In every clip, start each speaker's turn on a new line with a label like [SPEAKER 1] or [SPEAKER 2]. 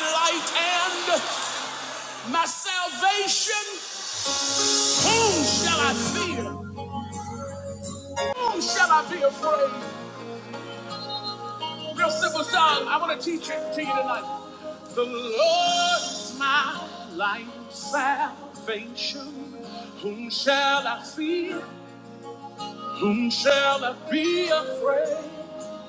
[SPEAKER 1] light and my salvation. Whom shall I fear? Whom shall I be afraid? Real simple song. I want to teach it to you tonight. The Lord is my light and salvation. Whom shall I fear? Whom shall I be afraid?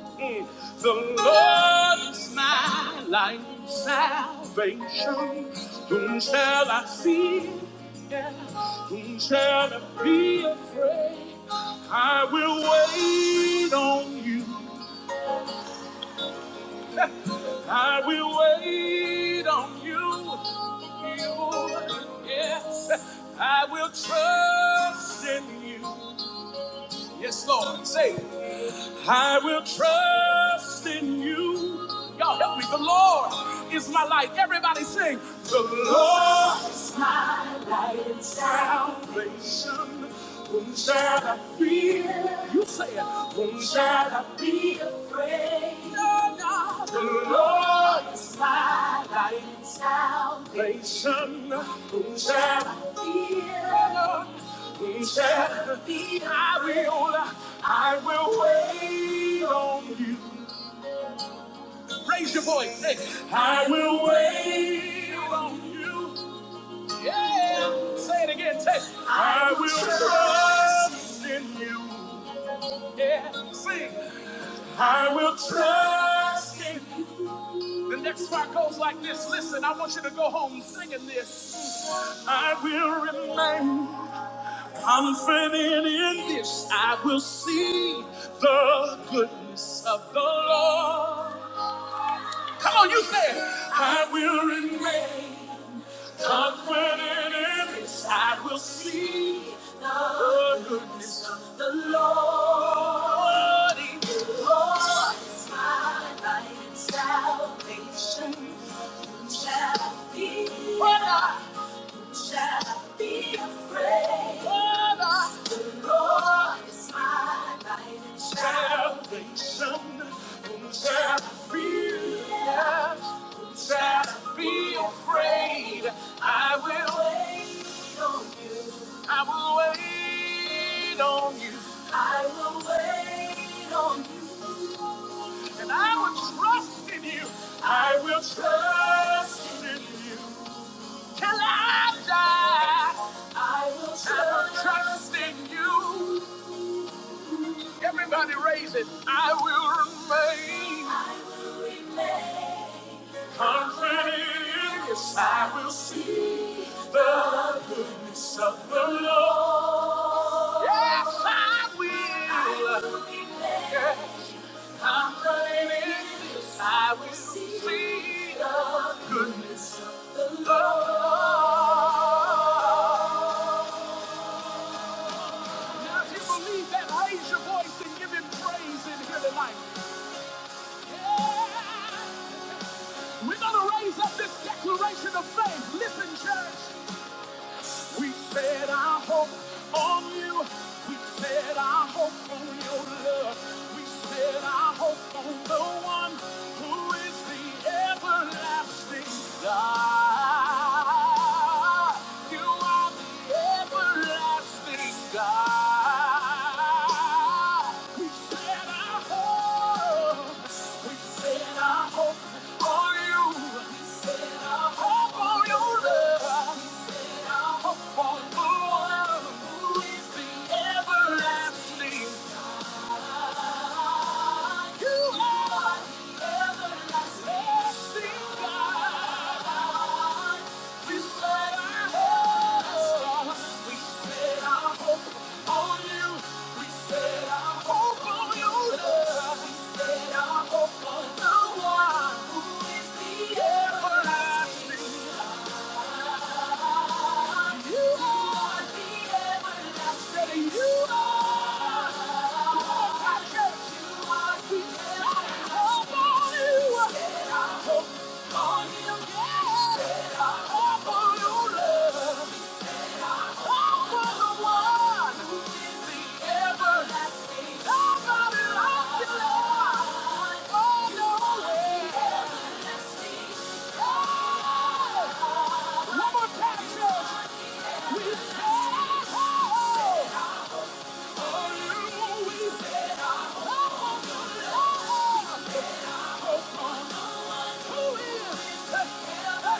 [SPEAKER 1] Mm. The Lord is my light and salvation. Whom shall I fear? Whom shall I be afraid? I will wait on you. I will wait on you. you. Yes, I will trust in you. Yes, Lord. Say, it. I will trust in you. Y'all help me. The Lord is my light. Everybody sing. The Lord is my light and salvation. Whom shall I fear? You say it. Whom shall I be afraid? No, no. The Lord is my light and salvation. Whom Shall I fear? No, no. Shall I be? I will. I will. Raise your voice. Hey. I will wait on you. Yeah. Say it again. Say. I I will trust. trust. Yeah. Sing. I will trust in. The next part goes like this. Listen, I want you to go home singing this. I will remain confident in this. I will see the goodness of the Lord. Come on, you say it. I will remain. Comforted in this, I will see the goodness of the Lord. The Lord is my light and salvation. Who Shall be what I fear? shall be afraid. The Lord is my salvation. Whom shall I fear? Whom shall I be afraid? I will wait. I will wait on you. I will wait on you. And I will trust in you. I will trust in you. Till I die, I'm trusting you. Everybody raise it. I will remain I will remain. confident. Yes, I will see the good Lord. Yes, I will. I will remain. confident in this, I will see the goodness. of Now, If you believe that, raise your voice and give him praise in here tonight. We're going to raise up this declaration of faith. Listen, church. We set our hope on you. We set our hope on your love. We set our hope on the one who is the everlasting God. You are the everlasting God, we We We We set set set set our our our our hope. hope hope on on on You. You Your love. the the the One who is the everlasting. You are the Everlasting God. We set our hope, we set our hope on you. We set our hope on you, Lord. We set our hope on the one who is the everlasting. God. You are the everlasting. You are. You are You are the We set our hope on you. Yeah. We set our hope on you, Lord. Everlasting, and there is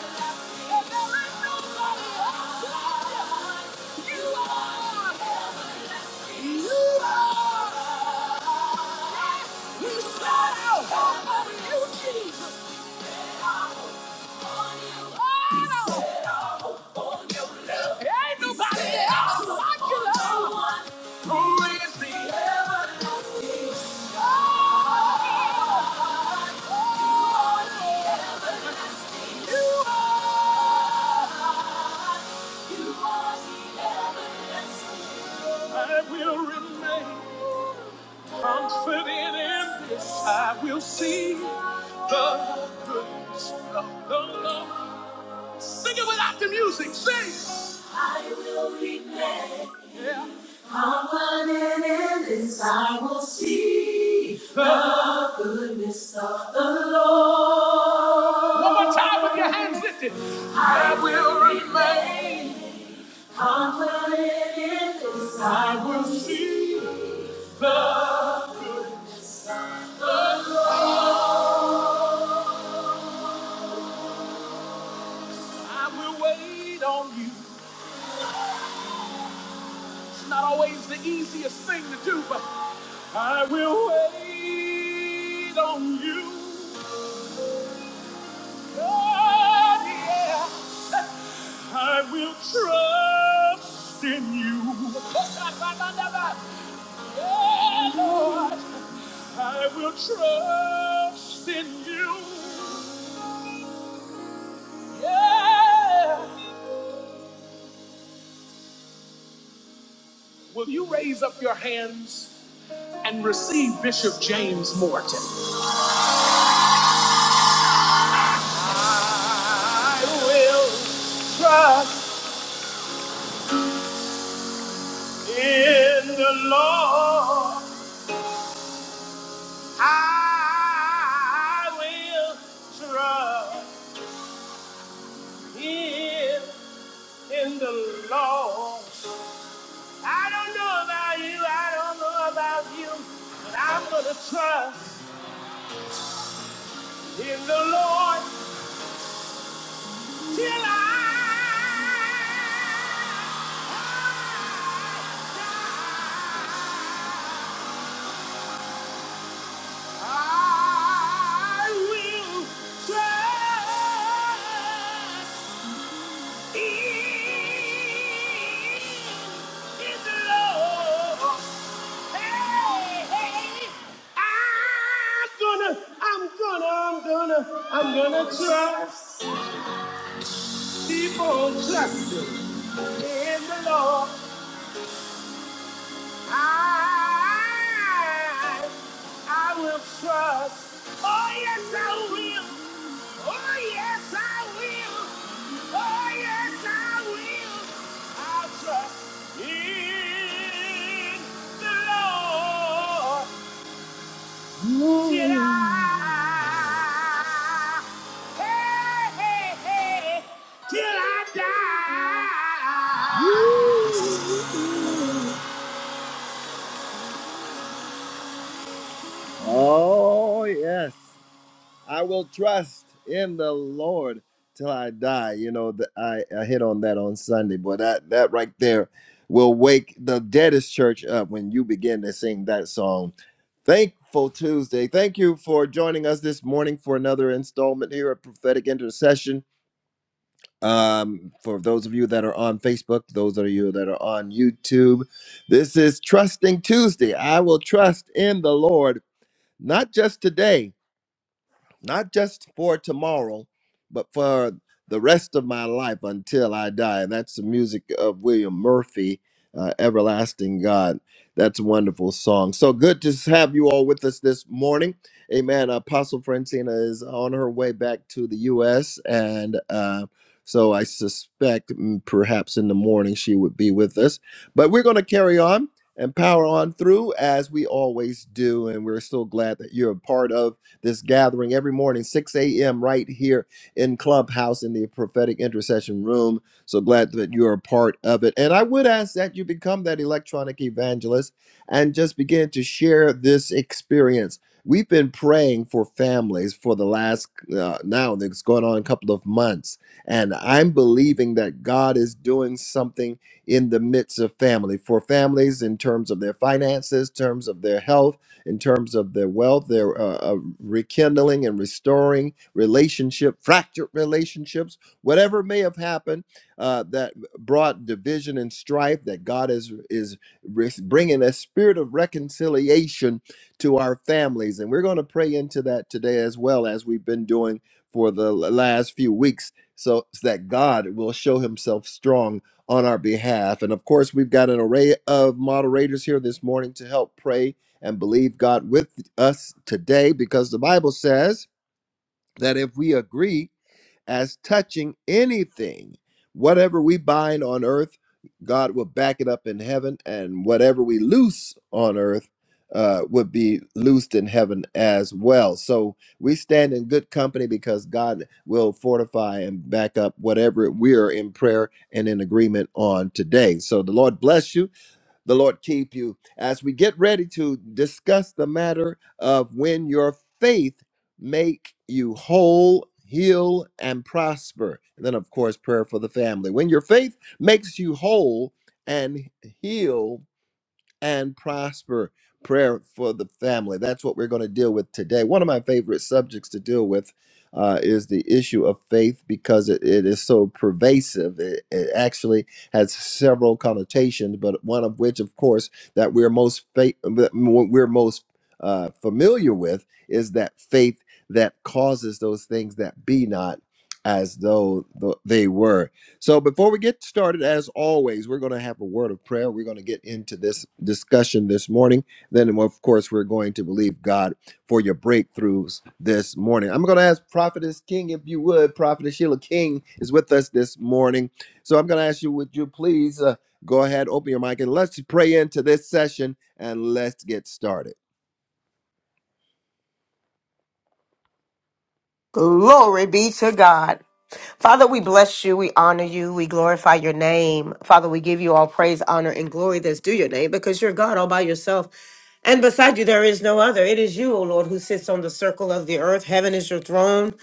[SPEAKER 1] nobody else like you. You are. I will remain. Confident in this, I will see the goodness of the Lord. Sing it without the music. Sing. I will remain. Yeah. Confident in this, I will see the goodness of the Lord. One more time with your hands lifted. I will remain. Confident in this, I will see. I will wait on you. It's not always the easiest thing to do, but I will wait on you. God, yeah. I will trust in you. Yeah, Lord. I will trust in you. Yeah. Will you raise up your hands and receive Bishop James Morton? I will trust. In the Lord I will trust. Him in the Lord. I don't know about you. I don't know about you, but I'm gonna trust in the Lord till I. I will trust. Hey, hey, hey, I'm gonna I'm gonna, trust people trusting in the Lord. I, I will trust. Oh yes, I will. Oh yes, I will. Oh, yes, I will. I'll trust in the Lord Oh. till I, hey, hey, hey, till I die. I will trust in the Lord till I die. You know, the, I, I hit on that on Sunday, but that, that right there will wake the deadest church up when you begin to sing that song. Thankful Tuesday. Thank you for joining us this morning for another installment here at Prophetic Intercession. Um, for those of you that are on Facebook, those of you that are on YouTube, this is Trusting Tuesday. I will trust in the Lord, not just today not just for tomorrow, but for the rest of my life until I die. And that's the music of William Murphy, uh, Everlasting God. That's a wonderful song. So good to have you all with us this morning. Amen. Apostle Francina is on her way back to the U.S. And uh, so I suspect mm, perhaps in the morning she would be with us. But we're going to carry on and power on through as we always do. And we're so glad that you're a part of this gathering every morning, 6 a.m., right here in Clubhouse in the prophetic intercession room. So glad that you're a part of it. And I would ask that you become that electronic evangelist and just begin to share this experience. We've been praying for families for the last, uh, now that's going on a couple of months. And I'm believing that God is doing something in the midst of family, for families in terms of their finances, terms of their health in terms of their wealth, their uh, uh, rekindling and restoring relationship, fractured relationships, whatever may have happened uh, that brought division and strife. That God is is re- bringing a spirit of reconciliation to our families, and we're going to pray into that today as well as we've been doing for the l- last few weeks, so that God will show Himself strong on our behalf. And of course, we've got an array of moderators here this morning to help pray and believe God with us today because the Bible says that if we agree as touching anything, whatever we bind on earth, God will back it up in heaven, and whatever we loose on earth uh, would be loosed in heaven as well. So we stand in good company because God will fortify and back up whatever we are in prayer and in agreement on today. So the Lord bless you. The Lord keep you. As we get ready to discuss the matter of when your faith make you whole, heal, and prosper. And then, of course, prayer for the family. When your faith makes you whole and heal and prosper prayer for the family. That's what we're going to deal with today. One of my favorite subjects to deal with uh, is the issue of faith because it, it is so pervasive. It, it actually has several connotations, but one of which, of course, that we're most fa- that we're most uh, familiar with is that faith that causes those things that be not as though th- they were so before we get started, as always, we're going to have a word of prayer. We're going to get into this discussion this morning. Then, of course, we're going to believe God for your breakthroughs this morning. I'm going to ask Prophetess King, if you would. Prophetess Sheila King is with us this morning. So I'm going to ask you, would you please uh, go ahead, open your mic, and let's pray into this session and let's get started.
[SPEAKER 2] Glory be to God. Father, we bless you. We honor you. We glorify your name. Father, we give you all praise, honor, and glory that's due your name because you're God all by yourself. And beside you, there is no other. It is you, O Lord, who sits on the circle of the earth. Heaven is your throne.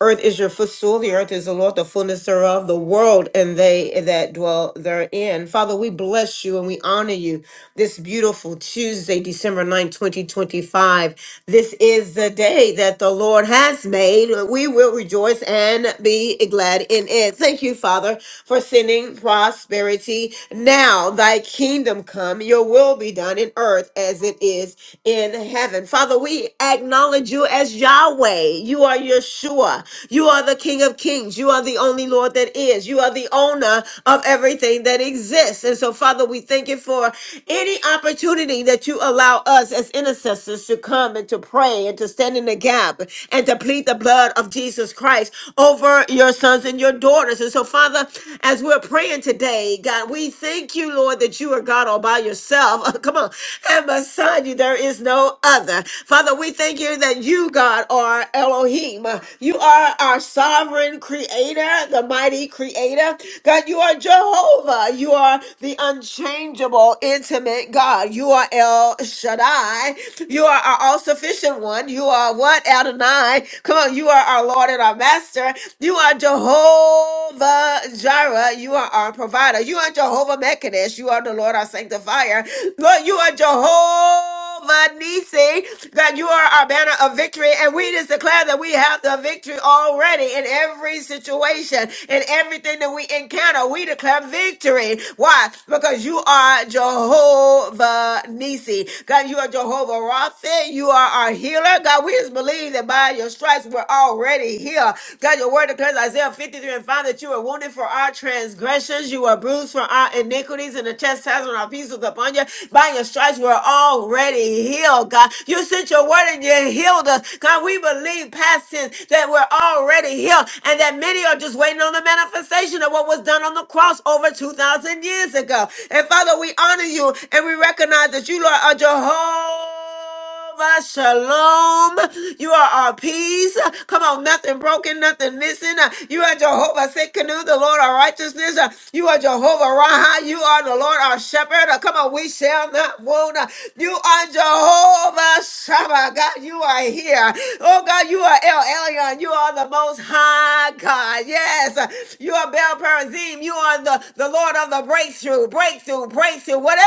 [SPEAKER 2] Earth is your footstool. The earth is the Lord, the fullness thereof, the world, and they that dwell therein. Father, we bless you and we honor you this beautiful Tuesday, December ninth, 2025. This is the day that the Lord has made. We will rejoice and be glad in it. Thank you, Father, for sending prosperity. Now, thy kingdom come, your will be done in earth earth as it is in heaven. Father, we acknowledge you as Yahweh. You are Yeshua. You are the King of Kings. You are the only Lord that is. You are the owner of everything that exists. And so, Father, we thank you for any opportunity that you allow us as intercessors to come and to pray and to stand in the gap and to plead the blood of Jesus Christ over your sons and your daughters. And so, Father, as we're praying today, God, we thank you, Lord, that you are God all by yourself. Come on. And beside you, there is no other. Father, we thank you that you, God, are Elohim. You are our sovereign creator, the mighty creator. God, you are Jehovah. You are the unchangeable, intimate God. You are El Shaddai. You are our all sufficient one. You are what? Adonai. Come on. You are our Lord and our Master. You are Jehovah Jireh. You are our provider. You are Jehovah Mekadesh. You are the Lord our sanctifier. Lord, you are Jehovah Nisi. God, you are our banner of victory. And we just declare that we have the victory already in every situation, in everything that we encounter. We declare victory. Why? Because you are Jehovah Nisi. God, you are Jehovah Rapha. You are our healer. God, we just believe that by your stripes we're already healed. God, your word declares Isaiah 53 and 5 that you were wounded for our transgressions, you were bruised for our iniquities, and the chastisement of our peace peace was upon you. By your stripes, we're already healed, God. You sent your word and you healed us. God, we believe past tense that we're already healed and that many are just waiting on the manifestation of what was done on the cross over 2,000 years ago. And Father, we honor you and we recognize that you, Lord, are Jehovah. Jehovah Shalom. You are our peace. Come on, nothing broken, nothing missing. You are Jehovah Sikkenu, the Lord our righteousness. You are Jehovah Raha. You are the Lord our shepherd. Come on, we shall not wound. You are Jehovah Shabbat. God, you are here. Oh God, you are El Elyon. You are the most high God. Yes. You are Bel Perazim. You are the, the Lord of the breakthrough, breakthrough, breakthrough. Whatever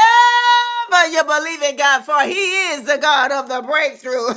[SPEAKER 2] you believe in God for, He is the God the God of the breakthrough.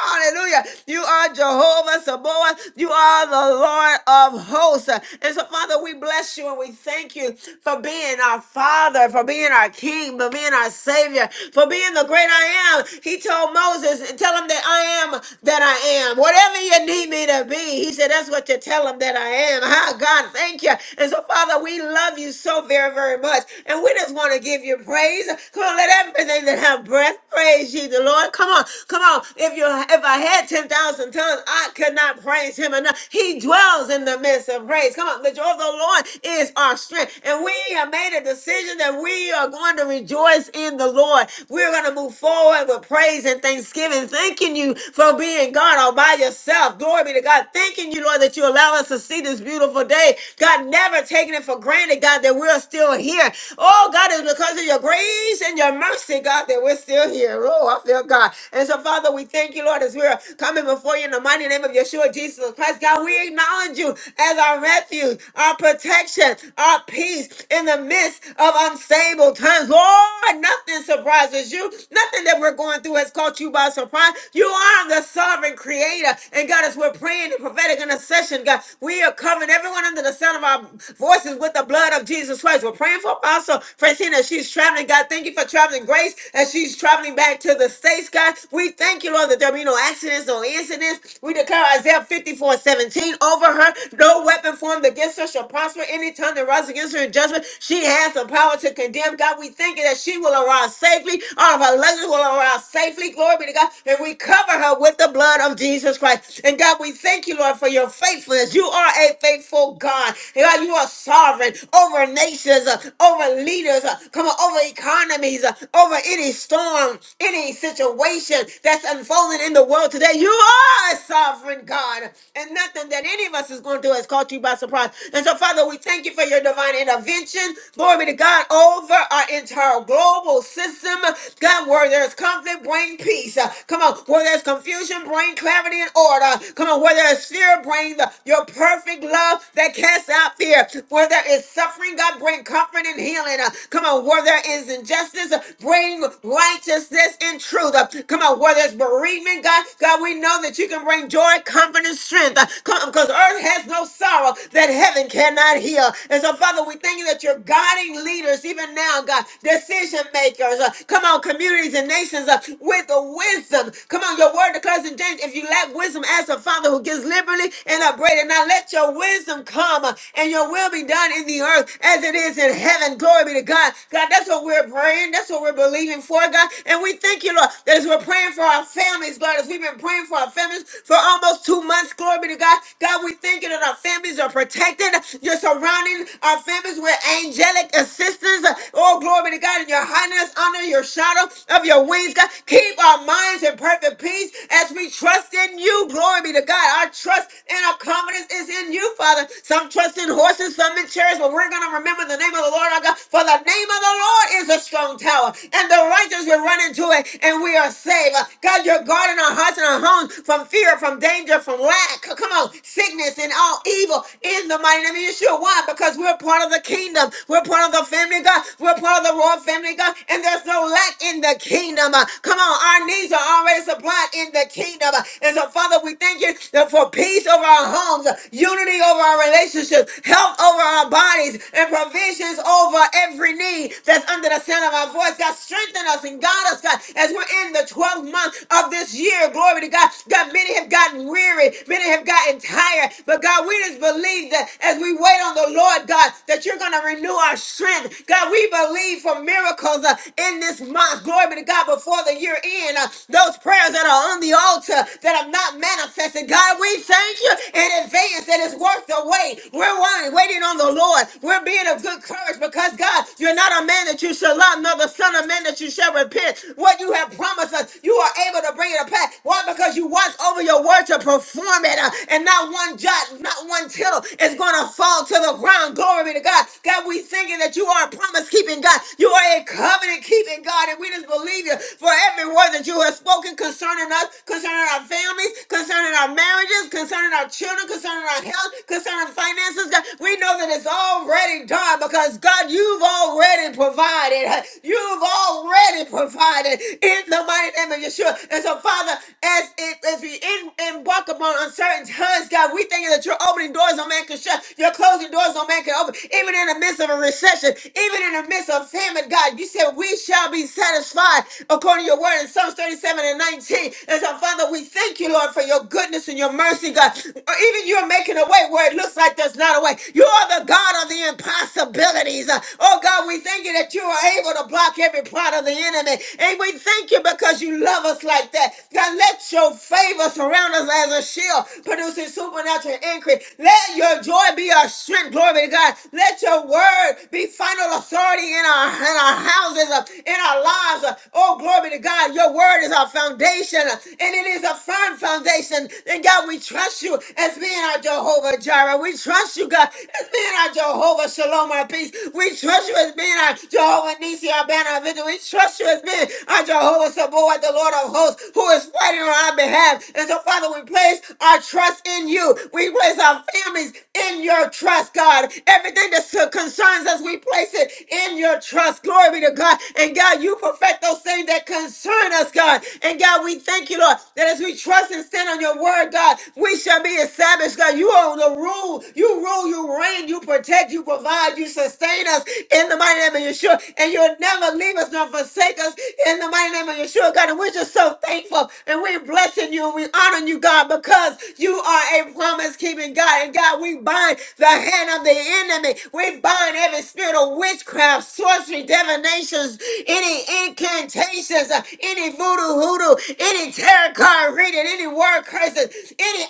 [SPEAKER 2] Hallelujah. You are Jehovah Sabaoth. You are the Lord of hosts. And so, Father, we bless you and we thank you for being our Father, for being our King, for being our Savior, for being the great I am. He told Moses, Tell him that I am that I am. Whatever you need me to be, he said, That's what you tell him that I am. Ah, God, thank you. And so, Father, we love you so very, very much. And we just want to give you praise. Come on, let everything that have breath praise you you, Lord. Come on, come on. If you if I had 10,000 tongues, I could not praise him enough. He dwells in the midst of praise. Come on, the joy of the Lord is our strength. And we have made a decision that we are going to rejoice in the Lord. We're going to move forward with praise and thanksgiving, thanking you for being God all by yourself. Glory be to God. Thanking you, Lord, that you allow us to see this beautiful day. God, never taking it for granted, God, that we're still here. Oh, God, it's because of your grace and your mercy, God, that we're still here. Oh, yourself, dear God. And so, Father, we thank you, Lord, as we're coming before you in the mighty name of Yeshua, Jesus Christ. God, we acknowledge you as our refuge, our protection, our peace in the midst of unstable times. Lord, nothing surprises you. Nothing that we're going through has caught you by surprise. You are the sovereign creator. And God, as we're praying in prophetic intercession, God, we are covering everyone under the sound of our voices with the blood of Jesus Christ. We're praying for Apostle Francina. as She's traveling. God, thank you for traveling grace as she's traveling back to of the states, God. We thank you, Lord, that there be no accidents, no incidents. We declare Isaiah 54 17 over her. No weapon formed against her shall prosper. Any tongue that rises against her in judgment, she has the power to condemn. God, we thank you that she will arrive safely. All of her luggage will arrive safely. Glory be to God. And we cover her with the blood of Jesus Christ. And God, we thank you, Lord, for your faithfulness. You are a faithful God. And God, you are sovereign over nations, uh, over leaders, uh, come on, over economies, uh, over any storm, any any situation that's unfolding in the world today. You are a sovereign God, and nothing that any of us is going to do has caught you by surprise. And so, Father, we thank you for your divine intervention. Glory be to God over our entire global system. God, where there's conflict, bring peace. Uh, Come on, where there's confusion, bring clarity and order. Come on, where there's fear, bring the, your perfect love that casts out fear. Where there is suffering, God, bring comfort and healing. Uh, Come on, where there is injustice, uh, bring righteousness it's in truth. Uh, Come on, whether it's bereavement, God, God, we know that you can bring joy, comfort, and strength. Uh, Come on, because earth has no sorrow that heaven cannot heal. And so, Father, we thank you that you're guiding leaders even now, God, decision makers. Uh, Come on, communities and nations uh, with the wisdom. Come on, your word declares in James, if you lack wisdom, ask the Father who gives liberally and upbraided. Now let your wisdom come uh, and your will be done in the earth as it is in heaven. Glory be to God. God, that's what we're praying. That's what we're believing for, God. And we thank thank you, Lord, that as we're praying for our families, Lord, as we've been praying for our families for almost two months, glory be to God. God, we thank you that our families are protected. You're surrounding our families with angelic assistance. Oh, glory be to God, and your highness under your shadow of your wings, God. Keep our minds in perfect peace as we trust in you. Glory be to God. Our trust and our confidence is in you, Father. Some trust in horses, some in chariots, but we're going to remember the name of the Lord our God. For the name of the Lord is a strong tower, and the righteous will run into it to it and we are saved. Uh, God, you're guarding our hearts and our homes from fear, from danger, from lack. C- Come on, sickness and all evil in the mighty name of Yeshua. Why? Because we're part of the kingdom. We're part of the family, God. We're part of the royal family, God. And there's no lack in the kingdom. Uh, Come on, our needs are already supplied in the kingdom. Uh, And so, Father, we thank you that for peace over our homes, uh, unity over our relationships, health over our bodies, and provisions over every need that's under the sound of our voice. God, strengthen us and guide us, God. God, as we're in the 12th month of this year, glory to God. God, many have gotten weary, many have gotten tired, but God, we just believe that as we wait on the Lord, God, that you're going to renew our strength. God, we believe for miracles uh, in this month, glory be to God, before the year end. Uh, those prayers that are on the altar that have not manifested, God, we thank you in advance that it's worth the wait. We're waiting, waiting on the Lord. We're being of good courage because, God, you're not a man that you shall lie, nor the son of man that you shall repent what you have promised us. You are able to bring it to pass. Why? Because you watch over your word to perform it, uh, and not one jot, not one tittle is going to fall to the ground. Glory be to God. God, we thinking that you are a promise keeping God. You are a covenant keeping God, and we just believe you for every word that you have spoken concerning us, concerning our families, concerning our marriages, concerning our children, concerning our health, concerning finances. God, we know that it's already done because God, you've already provided. You've already provided. God, in the mighty name of Yeshua. And so, Father, as it as we in, in walk upon uncertain times, God, we thank you that you're opening doors no man can shut, you're closing doors no man can open. Even in the midst of a recession, even in the midst of famine, God, you said we shall be satisfied according to your word in Psalms 37 and 19. And so, Father, we thank you, Lord, for your goodness and your mercy, God. Or even you're making a way where it looks like there's not a way. You are the God of the impossibilities. Uh, Oh God, we thank you that you are able to block every plot of the enemy. And we thank you because you love us like that. God, let your favor surround us as a shield, producing supernatural increase. Let your joy be our strength. Glory be to God. Let your word be final authority in our in our houses, uh, in our lives. uh. Oh, glory be to God. Your word is our foundation, uh, and it is a firm foundation. And God, we trust you as being our Jehovah Jireh. We trust you, God, as being our Jehovah Shalom, our peace. We trust you as being our Jehovah Nisi, our banner of victory. We trust you as being been our Jehovah Sabaoth, the Lord of hosts, who is fighting on our behalf. And so, Father, we place our trust in you. We place our families in your trust, God. Everything that so- concerns us, we place it in your trust. Glory be to God. And God, you perfect those things that concern us, God. And God, we thank you, Lord, that as we trust and stand on your word, God, we shall be established, God. You are the rule. You rule, you reign, you protect, you provide, you sustain us in the mighty name of Yeshua. And you'll never leave us nor forsake us in the mighty name of Yeshua, God. And we're just so thankful and we're blessing you and we honor you, God, because you are a promise keeping God. And God, we bind the hand of the enemy. We bind every spirit of witchcraft, sorcery, divinations, any incantations, uh, any voodoo hoodoo, any tarot card reading, any word curses, any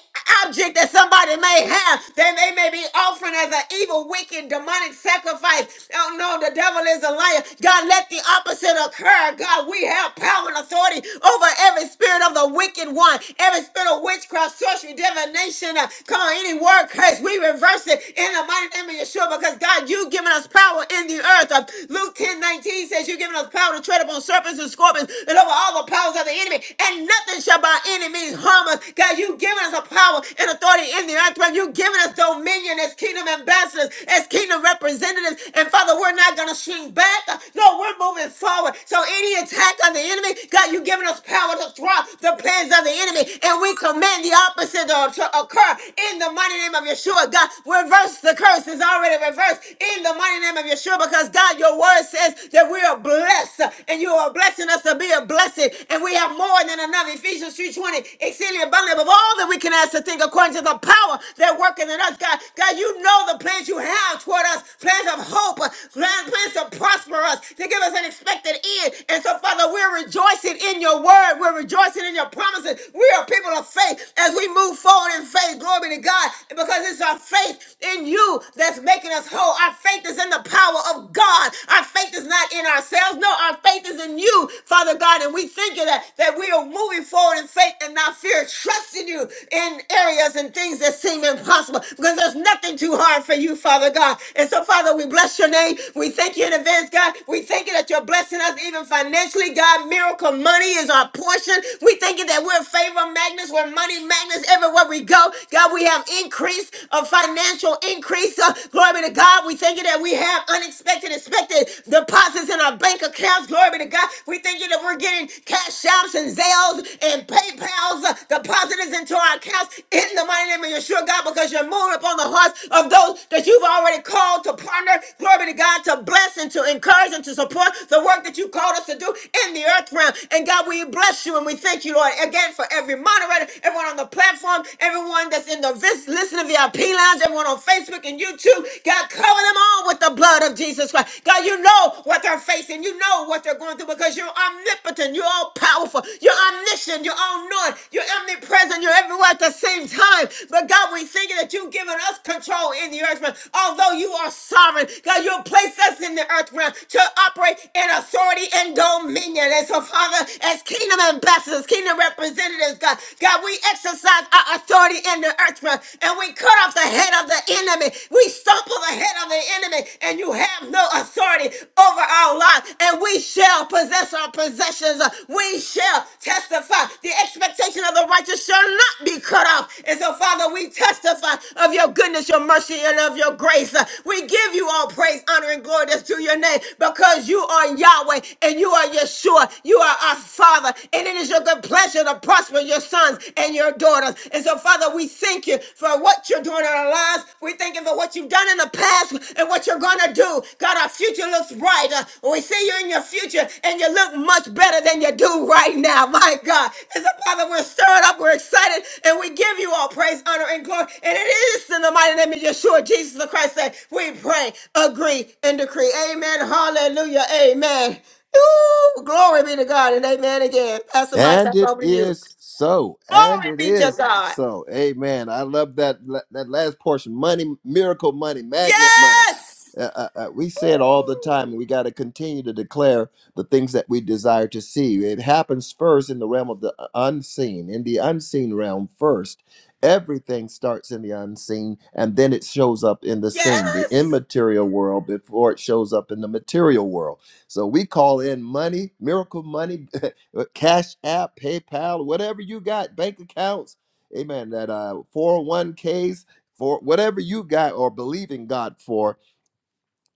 [SPEAKER 2] object that somebody may have that they may be offering as an evil, wicked, demonic sacrifice. Oh no, the devil is a liar. God, let the opposite occur our God, we have power and authority over every spirit of the wicked one, every spirit of witchcraft, sorcery, divination. uh, come on, any word curse, we reverse it in the mighty name of Yeshua because God, you've given us power in the earth. Uh, Luke 10 19 says, You've given us power to tread upon serpents and scorpions and over all the powers of the enemy, and nothing shall by any means harm us. God, you've given us a power and authority in the earth realm. You've given us dominion as kingdom ambassadors, as kingdom representatives. And Father, we're not going to shrink back. Uh, No, we're moving forward. So any attack of the enemy. God, you've given us power to thwart the plans of the enemy, and we command the opposite to, to occur in the mighty name of Yeshua. God, reverse the curse is already reversed in the mighty name of Yeshua because God, your word says that we are blessed, and you are blessing us to be a blessing, and we have more than enough. Ephesians 3:20, exceeding abundantly of all that we can ask to think according to the power that working in us. God, God, you know the plans you have toward us, plans of hope, plans, plans to prosper us, to give us an expected end faith. And so, Father, we're rejoicing in your word. We're rejoicing in your promises. We are people of faith as we move forward in faith. Glory be to God. Because it's our faith in you that's making us whole. Our faith is in the power of God. Our faith is not in ourselves. No, our faith is in you, Father God. And we thank you that, that we are moving forward in faith and not fear, trusting you in areas and things that seem impossible. Because there's nothing too hard for you, Father God. And so, Father, we bless your name. We thank you in advance, God. We thank you that you're blessing us even even financially. God, miracle money is our portion. We thinking that we're favor magnets, we're money magnets everywhere we go. God, we have increase of financial increase. Uh, glory be to God. We thinking that we have unexpected, expected deposits in our bank accounts. Glory be to God. We thinking that we're getting cash apps and Zales and PayPal's uh, depositors into our accounts in the mighty name of Yeshua, God, because you're moving upon the hearts of those that you've already called to partner. Glory be to God to bless and to encourage and to support the work that you call you called us to do in the earth realm. And God, we bless you and we thank you, Lord, again for every moderator, everyone on the platform, everyone that's in the vis- listening VIP lounge, everyone on Facebook and YouTube. God, cover them all with the blood of Jesus Christ. God, you know what they're facing. You know what they're going through because you're omnipotent. You're all powerful. You're omniscient. You're all knowing. You're omnipresent. You're everywhere at the same time. But God, we thank you that you've given us control in the earth realm. Although you are sovereign, God, you'll place us in the earth realm to operate in authority authority and dominion. And so, Father, as kingdom ambassadors, kingdom representatives, God, God, we exercise our authority in the earth realm, and we cut off the head of the enemy. We stumble the head of the enemy, and you have no authority over our life. And we shall possess our possessions. We shall testify. The expectation of the righteous shall not be cut off. And so, Father, we testify of your goodness, your mercy, and of your grace. We give you all praise, honor, and glory that's to your name because you are Yahweh joy, and you are Yeshua. You are our Father, and it is your good pleasure to prosper your sons and your daughters. And so, Father, we thank you for what you're doing in our lives. We thank you for what you've done in the past and what you're going to do. God, our future looks brighter. We see you in your future, and you look much better than you do right now. My God. And so, Father, we're stirred up, we're excited, and we give you all praise, honor, and glory. And it is in the mighty name of Yeshua, Jesus the Christ, that we pray, agree, and decree. Amen. Hallelujah. Amen. Ooh, glory be to God and amen again. Pastor Mike,
[SPEAKER 1] And
[SPEAKER 2] that's
[SPEAKER 1] it
[SPEAKER 2] over to you.
[SPEAKER 1] is so. And
[SPEAKER 2] Glory
[SPEAKER 1] it
[SPEAKER 2] be to
[SPEAKER 1] is
[SPEAKER 2] God.
[SPEAKER 1] so. Amen. I love that that last portion. Money, miracle money, magnet money.
[SPEAKER 2] Yes,
[SPEAKER 1] Uh, uh, uh, we say it all the time. We got to continue to declare the things that we desire to see. It happens first in the realm of the uh, unseen, in the unseen realm first. Everything starts in the unseen and then it shows up in the seen, the
[SPEAKER 2] yes,
[SPEAKER 1] immaterial world, before it shows up in the material world. So we call in money, miracle money, uh, Cash App, PayPal, whatever you got, bank accounts, amen, that uh, 401ks, for whatever you got or believe in God for,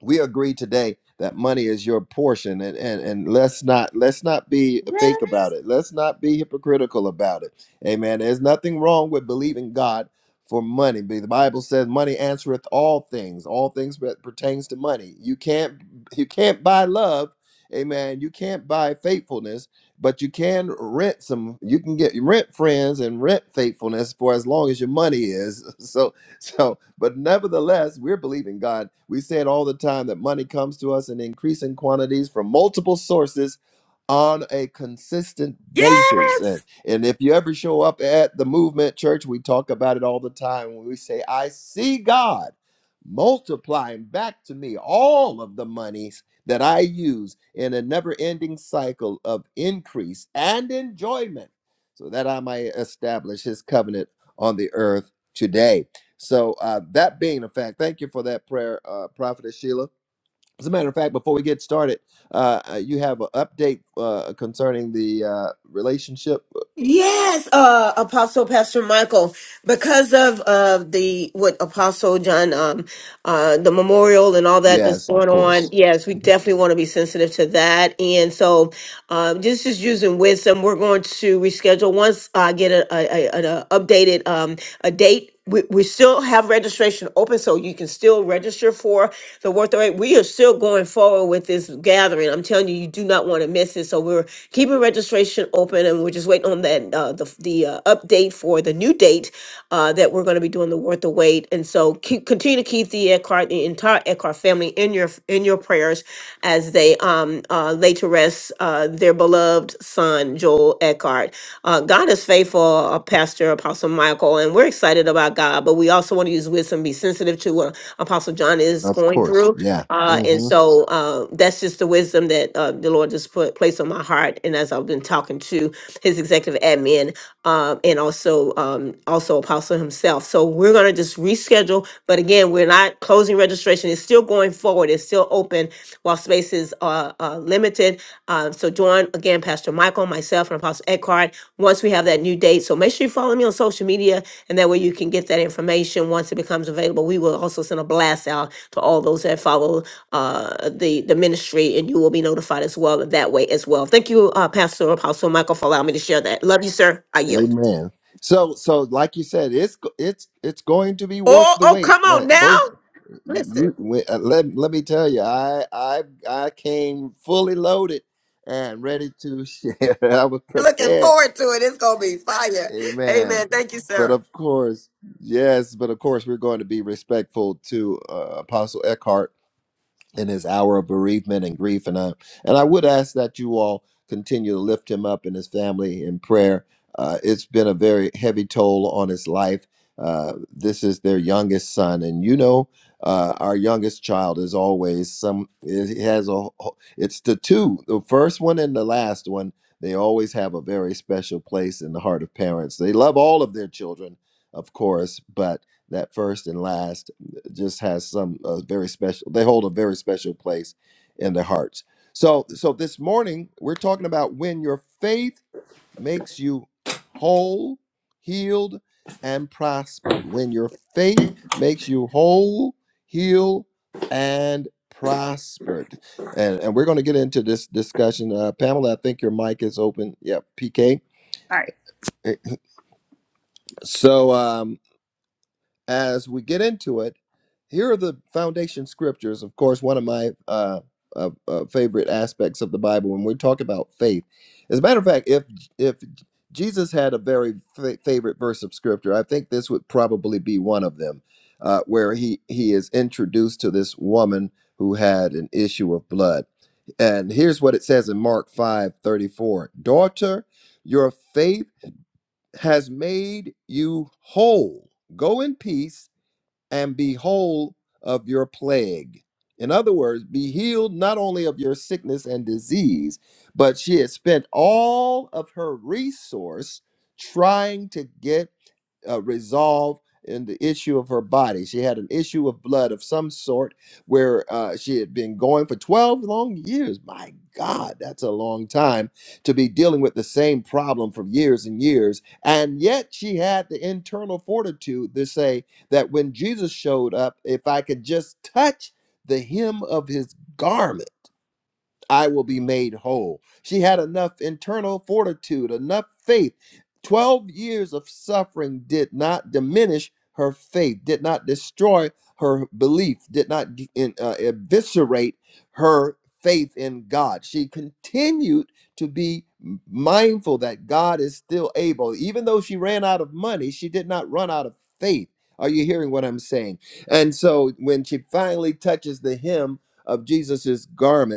[SPEAKER 1] we agree today that money is your portion and, and and let's not let's not be fake about
[SPEAKER 2] yes,
[SPEAKER 1] it let's not be hypocritical about it amen there's nothing wrong with believing god for money But the bible says money answereth all things all things that pertains to money you can't you can't buy love amen you can't buy faithfulness but you can rent some you can get rent friends and rent faithfulness for as long as your money is so So, but nevertheless, we're believing God. We say it all the time that money comes to us in increasing quantities from multiple sources on a consistent basis.
[SPEAKER 2] yes,
[SPEAKER 1] And, and if you ever show up at the movement church, we talk about it all the time. When we say, I see God multiplying back to me all of the monies that I use in a never ending cycle of increase and enjoyment so that I might establish his covenant on the earth today. So uh, that being a fact, thank you for that prayer, uh, Prophetess Sheila. As a matter of fact, before we get started, uh, uh, you have an update uh, concerning the uh, relationship.
[SPEAKER 2] yes. Uh, Apostle Pastor Michael, because of uh the what Apostle John um uh the memorial and all that that's
[SPEAKER 1] Yes, of
[SPEAKER 2] going on.
[SPEAKER 1] course,
[SPEAKER 2] Yes, we definitely want to be sensitive to that, and so um just just using wisdom, we're going to reschedule once I get a, a, a an uh, updated um a date we, we still have registration open so you can still register for the worth the wait. We are still going forward with this gathering. I'm telling you, you do not want to miss it. So we're keeping registration open and we're just waiting on that uh, the, the uh, update for the new date uh, that we're going to be doing the worth the wait. And so keep continuing continue to keep the Eckhart, the entire Eckhart family in your in your prayers as they um uh, lay to rest uh, their beloved son Joel Eckhart. Uh, God is faithful, uh, Pastor Apostle Michael, and we're excited about God, but we also want to use wisdom, be sensitive to what Apostle John is
[SPEAKER 1] of
[SPEAKER 2] going
[SPEAKER 1] course,
[SPEAKER 2] through.
[SPEAKER 1] yeah.
[SPEAKER 2] Uh, and
[SPEAKER 1] hmm
[SPEAKER 2] so uh, that's just the wisdom that uh, the Lord just put placed on my heart. And as I've been talking to his executive admin um, and also um, also Apostle himself, so we're gonna just reschedule. But again, we're not closing registration. It's still going forward. It's still open while spaces are, are limited. Uh, so join again, Pastor Michael, myself, and Apostle Eckhart once we have that new date. So make sure you follow me on social media, and that way you can get that information once it becomes available. We will also send a blast out to all those that follow uh, the the ministry, and you will be notified as well that way as well. Thank you, uh, Pastor Apostle Michael, for allowing me to share that. Love you, sir. I yield.
[SPEAKER 1] Amen. So, so like you said, it's go- it's it's going to be worth
[SPEAKER 2] Oh,
[SPEAKER 1] the
[SPEAKER 2] oh,
[SPEAKER 1] wait.
[SPEAKER 2] come on
[SPEAKER 1] Let
[SPEAKER 2] now.
[SPEAKER 1] both you
[SPEAKER 2] Listen,
[SPEAKER 1] we- uh, let let me tell you, I I I came fully loaded and ready to share. I was
[SPEAKER 2] looking
[SPEAKER 1] prepared
[SPEAKER 2] forward to it. It's going to be fire.
[SPEAKER 1] Amen.
[SPEAKER 2] Amen. Thank you,
[SPEAKER 1] But
[SPEAKER 2] sir.
[SPEAKER 1] of course, yes, but of course, we're going to be respectful to uh, Apostle Eckhart in his hour of bereavement and grief. And I, and I would ask that you all continue to lift him up and his family in prayer. Uh, it's been a very heavy toll on his life. Uh, this is their youngest son, and you know, uh, our youngest child is always some. It has a. It's the two, the first one and the last one. They always have a very special place in the heart of parents. They love all of their children, of course, but that first and last just has some uh, very special they hold a very special place in their hearts so so this morning we're talking about when your faith makes you whole healed and prospered when your faith makes you whole healed and prospered and and we're going to get into this discussion uh pamela i think your mic is open yeah pk
[SPEAKER 3] All right.
[SPEAKER 1] so um as we get into it, here are the foundation scriptures. Of course, one of my uh, uh, uh, favorite aspects of the Bible when we talk about faith. As a matter of fact, if if Jesus had a very fa- favorite verse of scripture, I think this would probably be one of them, uh, where he he is introduced to this woman who had an issue of blood. And here's what it says in Mark 5 34: Daughter, your faith has made you whole. Go in peace and be whole of your plague. In other words, be healed not only of your sickness and disease, but she had spent all of her resource trying to get uh, resolve in the issue of her body. She had an issue of blood of some sort where uh, she had been going for 12 long years. My God, that's a long time to be dealing with the same problem for years and years. And yet she had the internal fortitude to say, that when Jesus showed up, if I could just touch the hem of his garment, I will be made whole. She had enough internal fortitude, enough faith. 12 years of suffering did not diminish her faith, did not destroy her belief, did not g- in- uh, eviscerate her faith in God. She continued to be m- mindful that God is still able. Even though she ran out of money, she did not run out of faith. Are you hearing what I'm saying? And so when she finally touches the hem of Jesus's garment,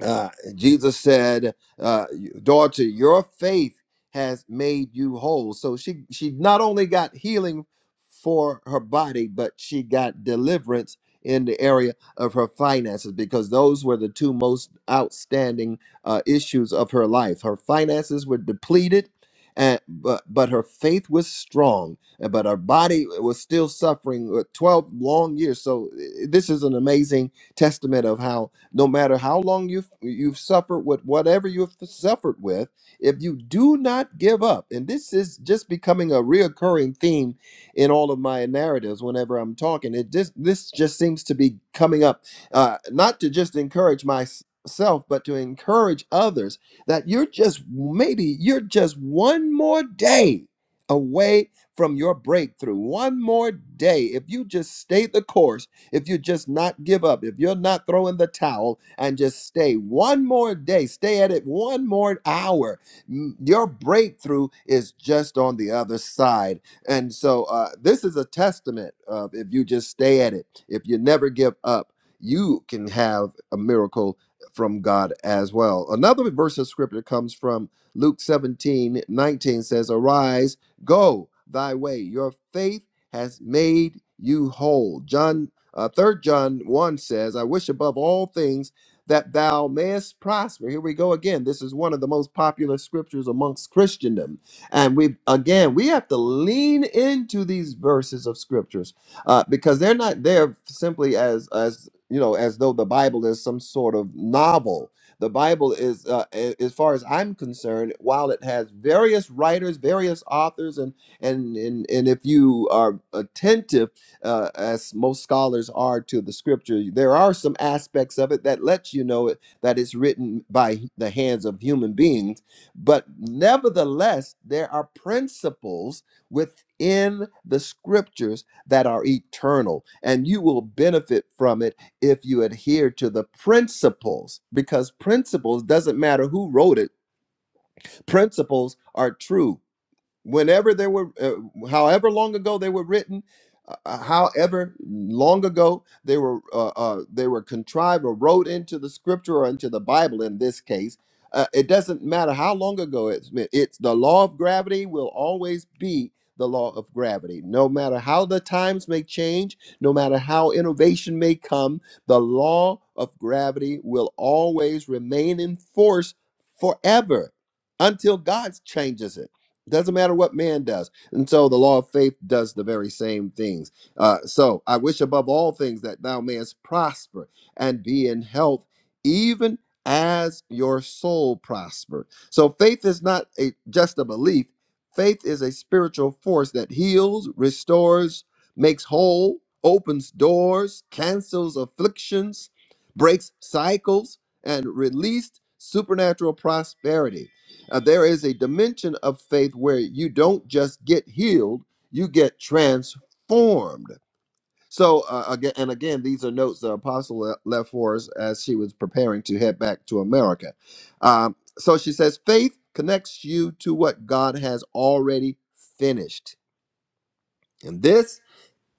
[SPEAKER 1] uh, Jesus said, uh, "Daughter, your faith has made you whole." So she she not only got healing for her body, but she got deliverance in the area of her finances because those were the two most outstanding uh, issues of her life. Her finances were depleted. And, but but her faith was strong, uh, but her body was still suffering with twelve long years. So uh, this is an amazing testament of how no matter how long you've you've suffered with whatever you've suffered with if you do not give up and this is just becoming a reoccurring theme in all of my narratives whenever i'm talking it just this just seems to be coming up uh, not to just encourage myself but to encourage others that you're just maybe you're just one more day away from your breakthrough one more day if you just stay the course if you just not give up, if you're not throwing the towel and just stay one more day, stay at it one more hour, m- your breakthrough is just on the other side. And so uh, this is a testament of if you just stay at it, if you never give up, you can have a miracle from God as well. Another verse of scripture comes from Luke 17 19 says, Arise, go thy way, your faith has made you whole. John uh, 3 John 1 says, I wish above all things that thou mayest prosper. Here we go again. This is one of the most popular scriptures amongst Christendom. And we, again, we have to lean into these verses of scriptures uh, because they're not there simply as, as, you know, as though the Bible is some sort of novel. The Bible is, uh, a- as far as I'm concerned, while it has various writers, various authors, and and and, and if you are attentive uh, as most scholars are to the scripture, there are some aspects of it that lets you know it, that it's written by the hands of human beings. But nevertheless, there are principles within the scriptures that are eternal, and you will benefit from it if you adhere to the principles, because principles doesn't matter who wrote it, principles are true whenever they were uh, however long ago they were written uh, uh, however long ago they were uh, uh, they were contrived or wrote into the scripture or into the bible in this case uh, it doesn't matter how long ago it's been it's the law of gravity will always be the law of gravity no matter how the times may change no matter how innovation may come the law of gravity will always remain in force forever until god changes it doesn't matter what man does. And so the law of faith does the very same things. Uh, so I wish above all things that thou mayest prosper and be in health, even as your soul prosper. So faith is not a, just a belief, faith is a spiritual force that heals, restores, makes whole, opens doors, cancels afflictions, breaks cycles, and released supernatural prosperity. Uh, there is a dimension of faith where you don't just get healed, you get transformed. So uh, again, and again, these are notes the apostle le- left for us as she was preparing to head back to America. Um, so she says, faith connects you to what God has already finished, and this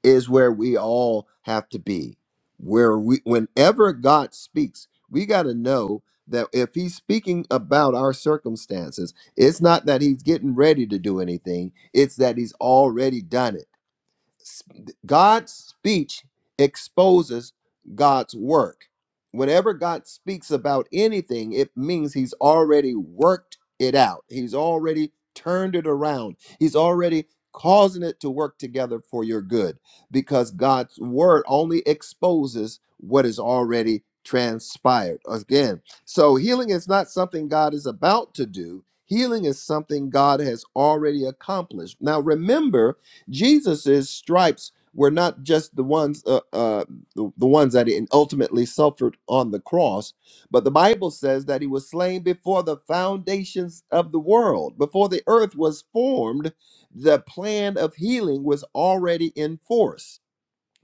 [SPEAKER 1] is where we all have to be. Where we, whenever God speaks, we got to know that if He's speaking about our circumstances, it's not that He's getting ready to do anything, it's that He's already done it. God's speech exposes God's work. Whenever God speaks about anything, it means he's already worked it out. He's already turned it around. He's already causing it to work together for your good because God's word only exposes what is already transpired. Again, so healing is not something God is about to do. Healing is something God has already accomplished. Now remember, Jesus's stripes were not just the ones uh, uh, the, the ones that he ultimately suffered on the cross, but the Bible says that he was slain before the foundations of the world, before the earth was formed. The plan of healing was already in force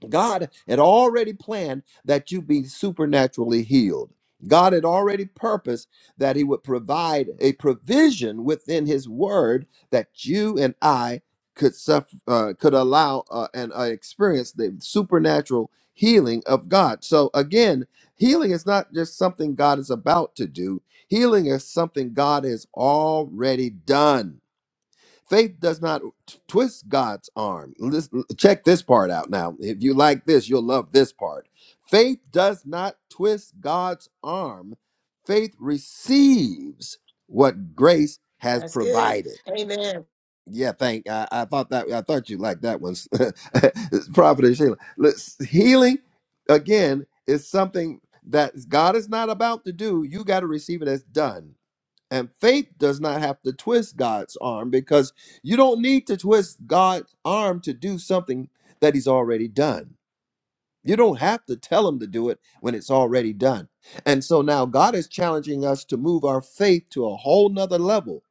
[SPEAKER 1] God had already planned that you be supernaturally healed. God had already purposed that He would provide a provision within His Word that you and I could suffer, uh, could allow uh, and uh, experience the supernatural healing of God. So again, healing is not just something God is about to do. Healing is something God has already done. Faith does not t- twist God's arm. Listen, check this part out now. If you like this, you'll love this part. Faith does not twist God's arm. Faith receives what grace has
[SPEAKER 2] That's good.
[SPEAKER 1] provided.
[SPEAKER 2] Amen.
[SPEAKER 1] Yeah, thank. I, I thought that. I thought you liked that one, Prophet Sheila. Let's- Healing again is something that God is not about to do. You got to receive it as done. And faith does not have to twist God's arm because you don't need to twist God's arm to do something that he's already done. You don't have to tell him to do it when it's already done. And so now God is challenging us to move our faith to a whole nother level.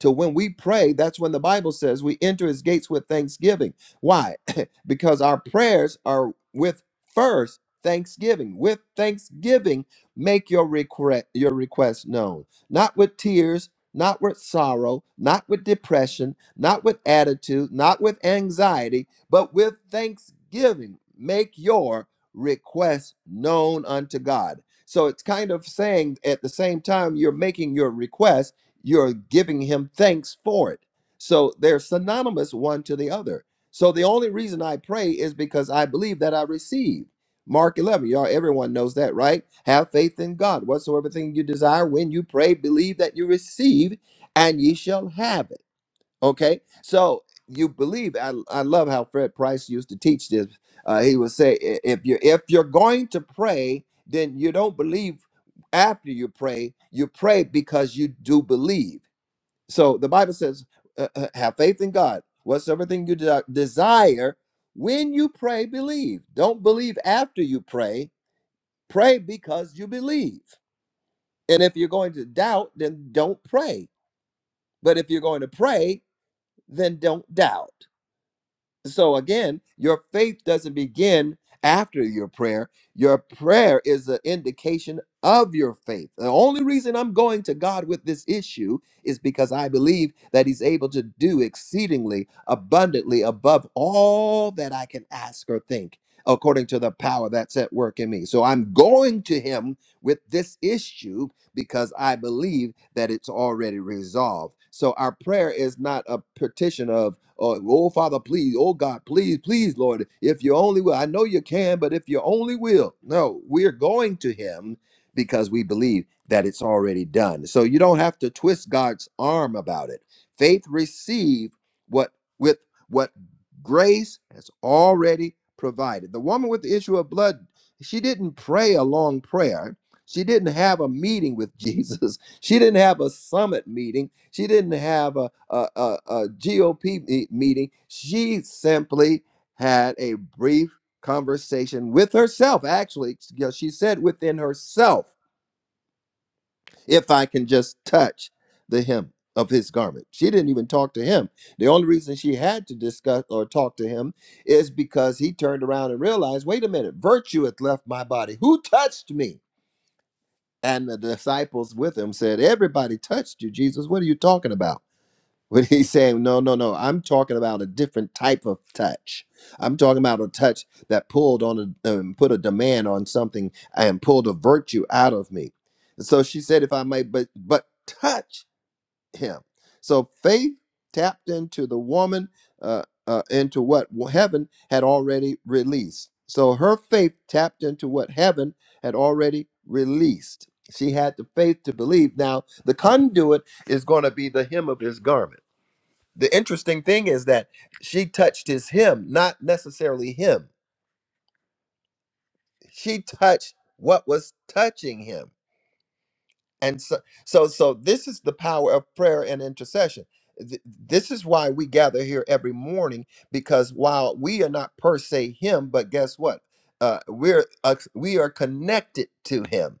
[SPEAKER 1] To when we pray, that's when the Bible says we enter his gates with thanksgiving. Why? because our prayers are with first thanksgiving. With thanksgiving, make your request your request known. Not with tears, not with sorrow, not with depression, not with attitude, not with anxiety, but with thanksgiving make your request known unto God. So it's kind of saying at the same time you're making your request, you're giving him thanks for it. So they're synonymous one to the other. So the only reason I pray is because I believe that I receive. Mark 11, y'all, everyone knows that, right? Have faith in God. Whatsoever thing you desire, when you pray, believe that you receive, and ye shall have it. Okay, so you believe. I I love how Fred Price used to teach this. Uh, he would say, "I- if you if you're going to pray, then you don't believe after you pray. You pray because you do believe. So the Bible says, uh, uh, have faith in God. Whatsoever thing you de- desire, when you pray, believe. Don't believe after you pray. Pray because you believe. And if you're going to doubt, then don't pray. But if you're going to pray, then don't doubt. So again, your faith doesn't begin after your prayer. Your prayer is an indication of your faith. The only reason I'm going to God with this issue is because I believe that He's able to do exceedingly abundantly above all that I can ask or think, according to the power that's at work in me. So I'm going to Him with this issue because I believe that it's already resolved. So our prayer is not a petition of, oh, oh Father, please, oh God, please, please, Lord, if you only will. I know you can, but if you only will. No, we're going to Him because we believe that it's already done. So you don't have to twist God's arm about it. Faith receive what with what grace has already provided. The woman with the issue of blood, she didn't pray a long prayer she didn't have a meeting with Jesus. She didn't have a summit meeting. She didn't have a, a, a, GOP me- meeting. She simply had a brief conversation with herself. Actually, you know, she said within herself, if I can just touch the hem of his garment. She didn't even talk to him. The only reason she had to discuss or talk to him is because he turned around and realized, wait a minute, virtue hath left my body. Who touched me? And the disciples with him said, Everybody touched you, Jesus. What are you talking about? But he's saying, No, no, no. I'm talking about a different type of touch. I'm talking about a touch that pulled on a, um, put a demand on something and pulled a virtue out of me. And So she said, If I may, but, but touch him. So faith tapped into the woman, uh, uh, into what heaven had already released. So her faith tapped into what heaven had already released. She had the faith to believe. Now, the conduit is going to be the hem of his garment. The interesting thing is that she touched his hem, not necessarily him. She touched what was touching him and so so so this is the power of prayer and intercession Th- this is why we gather here every morning because while we are not per se him but guess what uh, we're uh, we are connected to him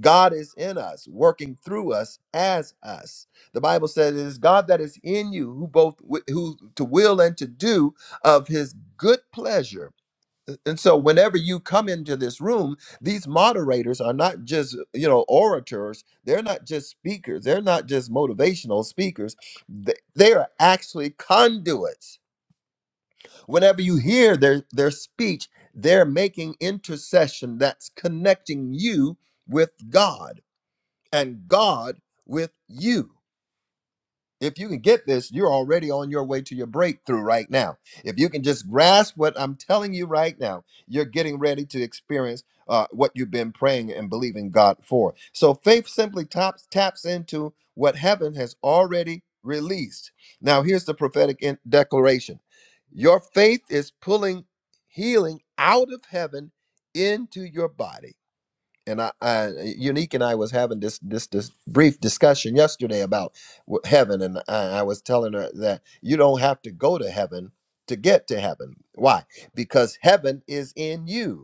[SPEAKER 1] god is in us working through us as us the bible says it is god that is in you who both wi- who to will and to do of his good pleasure and so whenever you come into this room, these moderators are not just, you know, orators, they're not just speakers, they're not just motivational speakers. Th- They are actually conduits. Whenever you hear their their speech, they're making intercession that's connecting you with God and God with you. If you can get this, you're already on your way to your breakthrough right now. If you can just grasp what I'm telling you right now, you're getting ready to experience uh, what you've been praying and believing God for. So faith simply taps taps into what heaven has already released. Now, here's the prophetic in- declaration Your faith is pulling healing out of heaven into your body and I, I unique and I was having this this this brief discussion yesterday about wh- heaven, and I, I was telling her that you don't have to go to heaven to get to heaven. Why? Because heaven is in you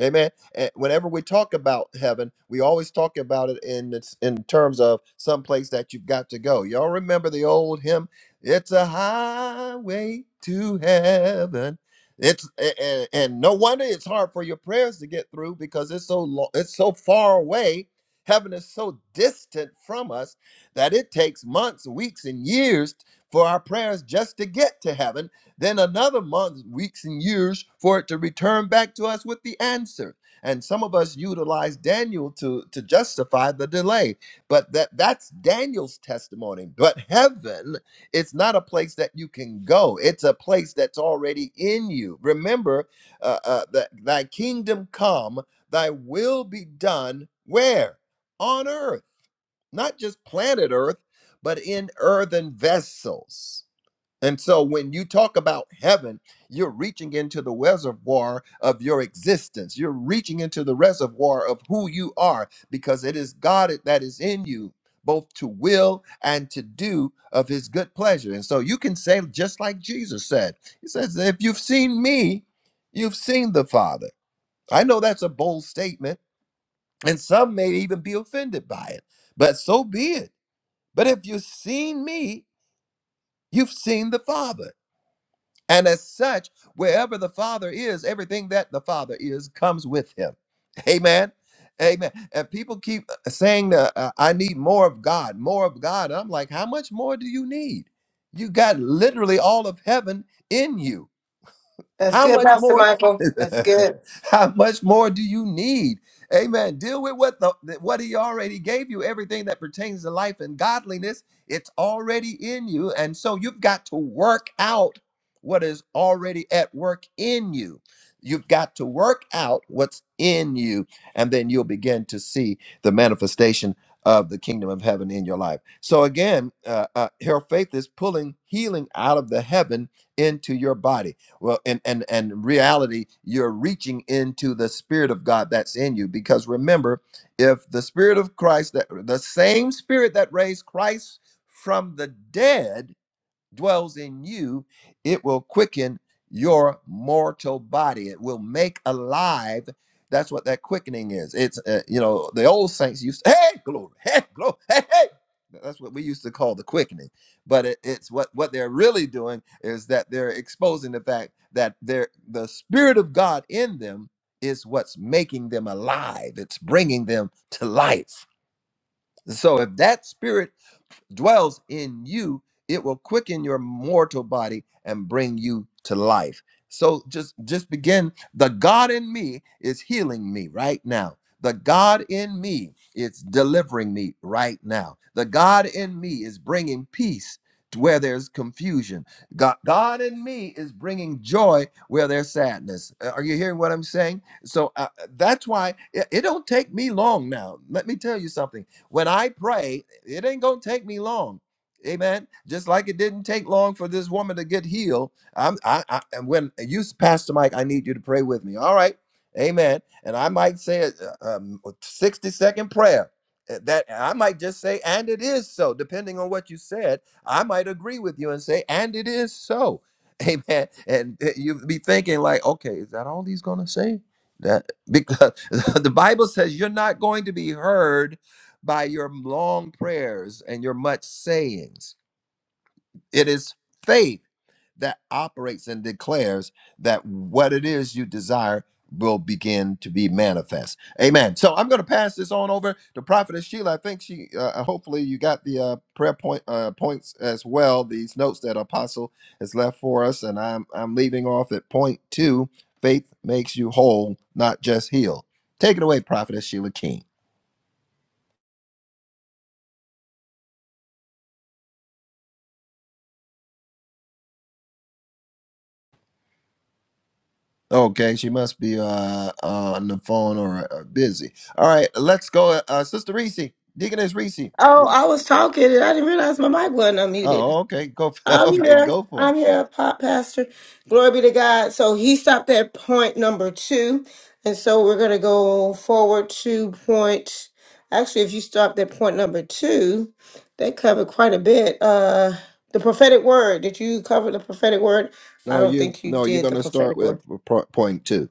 [SPEAKER 1] Amen. And whenever we talk about heaven, we always talk about it in its, in terms of some place that you've got to go. Y'all remember the old hymn? It's a highway to heaven. It's a- and, and no wonder it's hard for your prayers to get through because it's so long, it's so far away. Heaven is so distant from us that it takes months, weeks, and years for our prayers just to get to heaven then another month, weeks, and years for it to return back to us with the answer. And some of us utilize Daniel to, to justify the delay. But that, that's Daniel's testimony. But heaven, it's not a place that you can go, it's a place that's already in you. Remember uh, uh, that thy kingdom come, thy will be done where? On earth, not just planet earth, but in earthen vessels. And so when you talk about heaven, you're reaching into the reservoir of your existence. You're reaching into the reservoir of who you are because it is God that is in you, both to will and to do of his good pleasure. And so you can say, just like Jesus said, He says, If you've seen me, you've seen the Father. I know that's a bold statement, and some may even be offended by it, but so be it. But if you've seen me, you've seen the Father. And as such, wherever the Father is, everything that the Father is comes with him. Amen. Amen. And people keep uh, saying, uh, uh, I need more of God, more of God. And I'm like, how much more do you need? You got literally all of heaven in you.
[SPEAKER 2] That's
[SPEAKER 1] How
[SPEAKER 2] good,
[SPEAKER 1] much
[SPEAKER 2] Pastor
[SPEAKER 1] more?
[SPEAKER 2] Michael. That's good.
[SPEAKER 1] how much more do you need? Amen. Deal with what the what he already gave you. Everything that pertains to life and godliness, it's already in you. And so you've got to work out what is already at work in you. You've got to work out what's in you, and then you'll begin to see the manifestation of the kingdom of heaven in your life. So again, uh, uh, her faith is pulling healing out of the heaven into your body well and and and reality you're reaching into the spirit of god that's in you because remember if the spirit of christ that the same spirit that raised christ from the dead dwells in you, it will quicken your mortal body. It will make alive. That's what that quickening is. It's uh, you know the old saints used to, hey glory, hey glory, hey hey. That's what we used to call the quickening. But it, it's what what they're really doing is that they're exposing the fact that they're the spirit of God in them is what's making them alive. It's bringing them to life. So if that spirit dwells in you, it will quicken your mortal body and bring you to life. So just just begin the God in me is healing me right now. The God in me is delivering me right now. The God in me is bringing peace to where there's confusion. God, God in me is bringing joy where there's sadness. Uh, Are you hearing what I'm saying? So uh, that's why it, it don't take me long now. Let me tell you something. When I pray, it ain't going to take me long. Amen. Just like it didn't take long for this woman to get healed. I'm, I, I, and when you, Pastor Mike, I need you to pray with me. All right. Amen. And I might say a, um, a 60 second prayer uh, that I might just say, and it is so, depending on what you said. I might agree with you and say, and it is so. Amen. And uh, you'd be thinking, like, okay, is that all he's going to say? That because the Bible says you're not going to be heard by your long prayers and your much sayings. It is faith that operates and declares that what it is you desire will begin to be manifest. Amen. So I'm going to pass this on over to Prophetess Sheila. I think she, uh, uh, hopefully, you got the uh, prayer point uh, points as well. These notes that Apostle has left for us, and I'm I'm leaving off at point two. Faith makes you whole, not just healed. Take it away, Prophetess Sheila King. Okay, she must be uh uh, on the phone or, uh busy. All right, let's go, uh, Sister Reese, Deaconess Reese.
[SPEAKER 2] Oh, I was talking and I didn't realize my mic wasn't unmuted.
[SPEAKER 1] Oh, okay, go. For,
[SPEAKER 2] I'm
[SPEAKER 1] okay,
[SPEAKER 2] here.
[SPEAKER 1] go for
[SPEAKER 2] I'm
[SPEAKER 1] it.
[SPEAKER 2] here, Pop Pastor. Glory be to God. So he stopped at point number two. And so we're going to go forward to point. Actually, if you stopped at point number two, they covered quite a bit. Uh, the prophetic word. Did you cover the prophetic word? I
[SPEAKER 1] No,
[SPEAKER 2] don't
[SPEAKER 1] you
[SPEAKER 2] think you
[SPEAKER 1] no, you're
[SPEAKER 2] did the
[SPEAKER 1] gonna start
[SPEAKER 2] prophetic
[SPEAKER 1] with
[SPEAKER 2] word.
[SPEAKER 1] po- point two.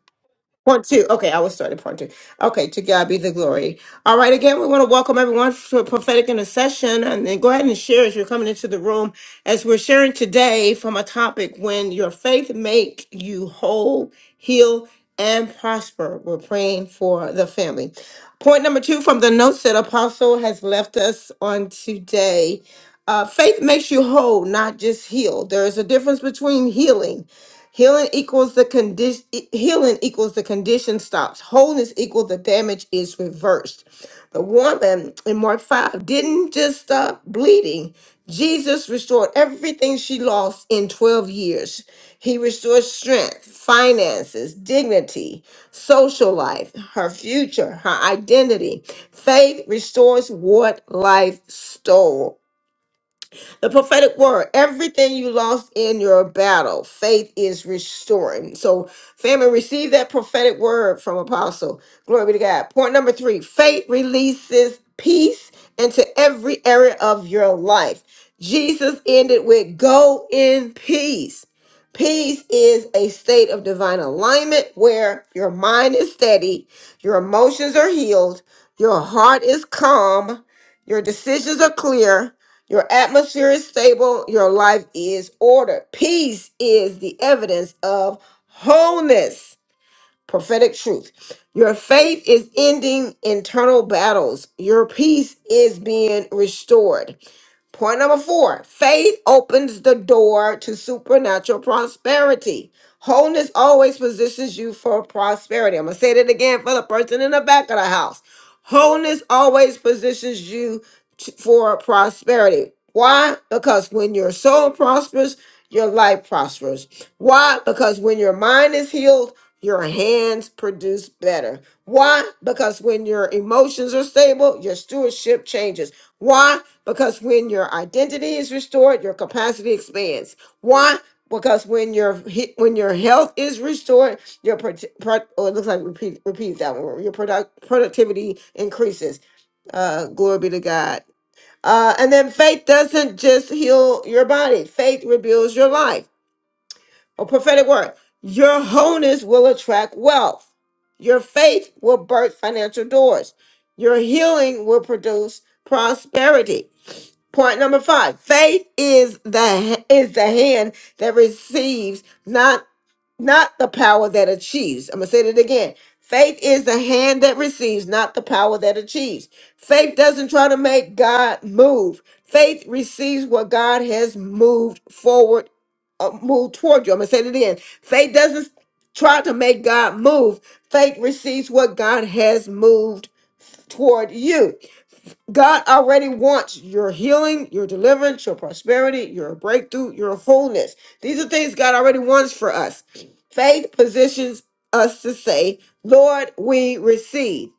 [SPEAKER 2] Point two. Okay, I will start at point two. Okay, to God be the glory. All right, again, we want to welcome everyone to a prophetic intercession and then go ahead and share as you're coming into the room as we're sharing today from a topic when your faith make you whole, heal, and prosper. We're praying for the family. Point number two from the notes that Apostle has left us on today. Uh, faith makes you whole, not just healed. There is a difference between healing Healing equals the condition healing equals the condition stops. Wholeness equals the damage is reversed. The woman in Mark 5 didn't just stop bleeding. Jesus restored everything she lost in 12 years. He restored strength, finances, dignity, social life, her future, her identity. Faith restores what life stole. The prophetic word, everything you lost in your battle, faith is restoring. So, family, receive that prophetic word from Apostle. Glory be to God. Point number three faith releases peace into every area of your life. Jesus ended with go in peace. Peace is a state of divine alignment where your mind is steady, your emotions are healed, your heart is calm, your decisions are clear, your atmosphere is stable. Your life is ordered. Peace is the evidence of wholeness. Prophetic truth. Your faith is ending internal battles. Your peace is being restored. Point number four faith opens the door to supernatural prosperity. Wholeness always positions you for prosperity. I'm going to say that again for the person in the back of the house. Wholeness always positions you t- for prosperity. Why? Because when your soul prospers, your life prospers. Why? Because when your mind is healed, your hands produce better. Why? Because when your emotions are stable, your stewardship changes. Why? Because when your identity is restored, your capacity expands. Why? Because when your he- when your health is restored, your pro- pro- oh, it looks like repeat repeat that one. Your product productivity increases. Uh, glory be to God. Uh, and then faith doesn't just heal your body. Faith reveals your life. A prophetic word. Your wholeness will attract wealth. Your faith will birth financial doors. Your healing will produce prosperity. Point number five: Faith is the is the hand that receives, not not the power that achieves. I'm gonna say that again. Faith is the hand that receives, not the power that achieves. Faith doesn't try to make God move. Faith receives what God has moved forward, uh, moved toward you. I'm gonna say that again. Faith doesn't try to make God move. Faith receives what God has moved toward you. God already wants your healing, your deliverance, your prosperity, your breakthrough, your wholeness. These are things God already wants for us. Faith positions us to say, Lord, we receive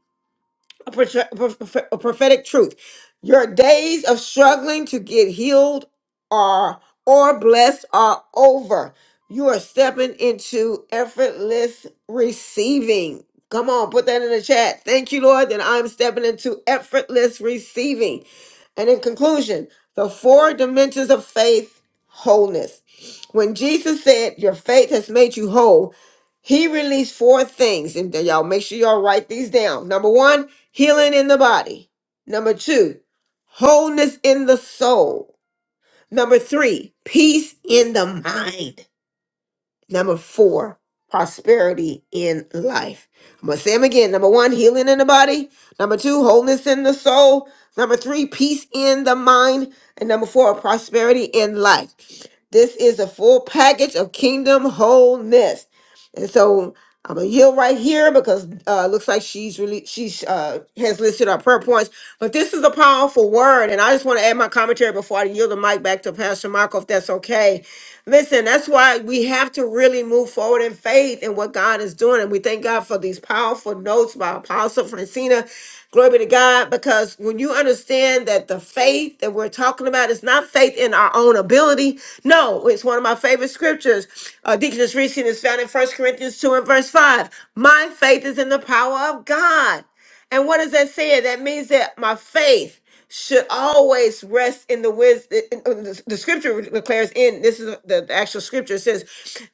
[SPEAKER 2] a, prophet- a prophetic truth. Your days of struggling to get healed are or blessed are over. You are stepping into effortless receiving. Come on, put that in the chat. Thank you, Lord, that I'm stepping into effortless receiving. And in conclusion, the four dimensions of faith wholeness. When Jesus said, Your faith has made you whole, he released four things, and then y'all make sure y'all write these down. Number one, healing in the body. Number two, wholeness in the soul. Number three, peace in the mind. Number four, prosperity in life. I'm going to say them again. Number one, healing in the body. Number two, wholeness in the soul. Number three, peace in the mind. And number four, prosperity in life. This is a full package of kingdom wholeness. And so I'm gonna yield right here because uh looks like she's really she's uh has listed our prayer points. But this is a powerful word, and I just want to add my commentary before I yield the mic back to Pastor Michael, if that's okay. Listen, that's why we have to really move forward in faith in what God is doing. And we thank God for these powerful notes by Apostle Francina. Glory be to God. Because when you understand that the faith that we're talking about is not faith in our own ability, no, it's one of my favorite scriptures. Uh, Deaconess Reese is found in First Corinthians 2 and verse 5. My faith is in the power of God. And what does that say? That means that my faith should always rest in the wisdom. The scripture declares in this is the the actual scripture it says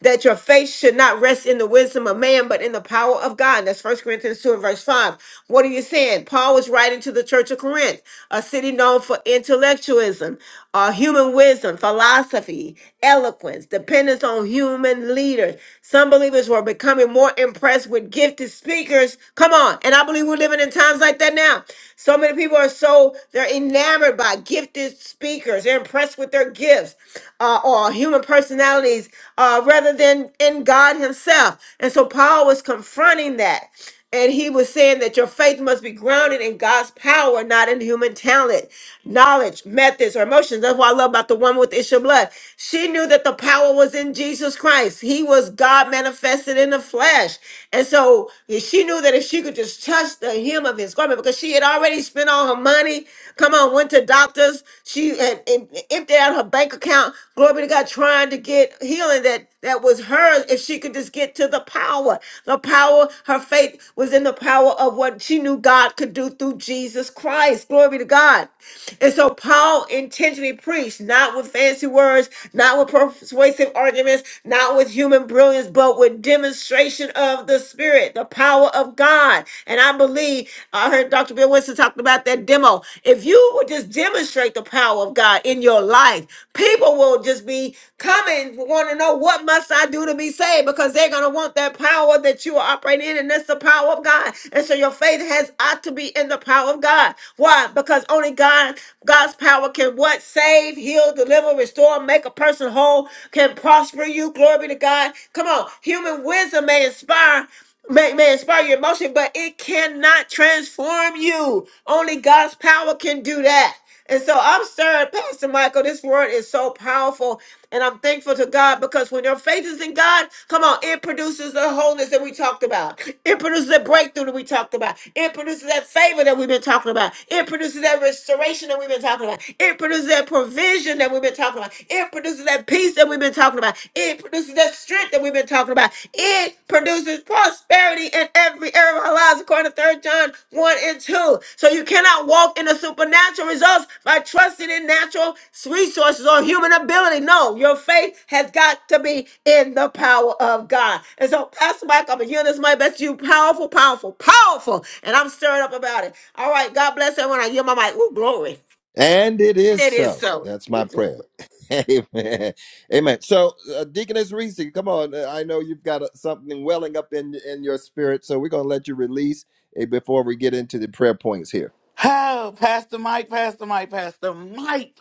[SPEAKER 2] that your faith should not rest in the wisdom of man, but in the power of God. And that's First Corinthians 2 and verse 5. What are you saying? Paul was writing to the church of Corinth, a city known for intellectualism, uh, human wisdom, philosophy, eloquence, dependence on human leaders. Some believers were becoming more impressed with gifting gifted speakers. Come on. And I believe we're living in times like that now. So many people are so, they're enamored by gifted speakers. They're impressed with their gifts uh, or human personalities uh, rather than in God Himself. And so Paul was confronting that. And he was saying that your faith must be grounded in God's power, not in human talent, knowledge, methods, or emotions. That's what I love about the woman with the issue of blood. She knew that the power was in Jesus Christ. He was God manifested in the flesh. And so yeah, she knew that if she could just touch the hem of his garment, because she had already spent all her money, come on, went to doctors, she had and emptied out her bank account, glory be to God, trying to get get healing that that was hers if she could just get to the power. The power, her faith was in the power of what she knew God could do through Jesus Christ. Glory to God. And so Paul intentionally preached, not with fancy words, not with persuasive arguments, not with human brilliance, but with demonstration of the Spirit, the power of God. And I believe I heard Dr. Bill Winston talking about that demo. If you would just demonstrate the power of God in your life, people will just be coming, want to know what must I do to be saved because they're going to want that power that you are operating in, and that's the power of God. And so your faith has ought to be in the power of God. Why? Because only God, God's power can what? Save, heal, deliver, restore, make a person whole, can prosper you. Glory be to God. Come on. Human wisdom may inspire may, may inspire your emotion, but it cannot transform you. Only God's power can do that. And so I'm stirred, Pastor Michael. This word is so powerful. And I'm thankful to God because when your faith is in God, come on, it produces the wholeness that we talked about. It produces the breakthrough that we talked about. It produces that favor that we've been talking about. It produces that restoration that we've been talking about. It produces that provision that we've been talking about. It produces that peace that we've been talking about. It produces that strength that we've been talking about. It produces prosperity in every area of our lives, according to Third John 1 and 2. So you cannot walk in the supernatural results by trusting in natural resources or human ability. No, your faith has got to be in the power of God. And so, Pastor Mike, I'm a hearing this mic. That's you. Powerful, powerful, powerful. And I'm stirred up about it. All right. God bless everyone. I hear my mic. Ooh, glory.
[SPEAKER 1] And it
[SPEAKER 2] And
[SPEAKER 1] is
[SPEAKER 2] it is
[SPEAKER 1] so.
[SPEAKER 2] so.
[SPEAKER 1] That's my prayer. Amen. Amen. So, uh, Deaconess Reese, come on. Uh, I know you've got uh, something welling up in in your spirit, so we're going to let you release uh, before we get into the prayer points here.
[SPEAKER 4] Oh, Pastor Mike, Pastor Mike, Pastor Mike.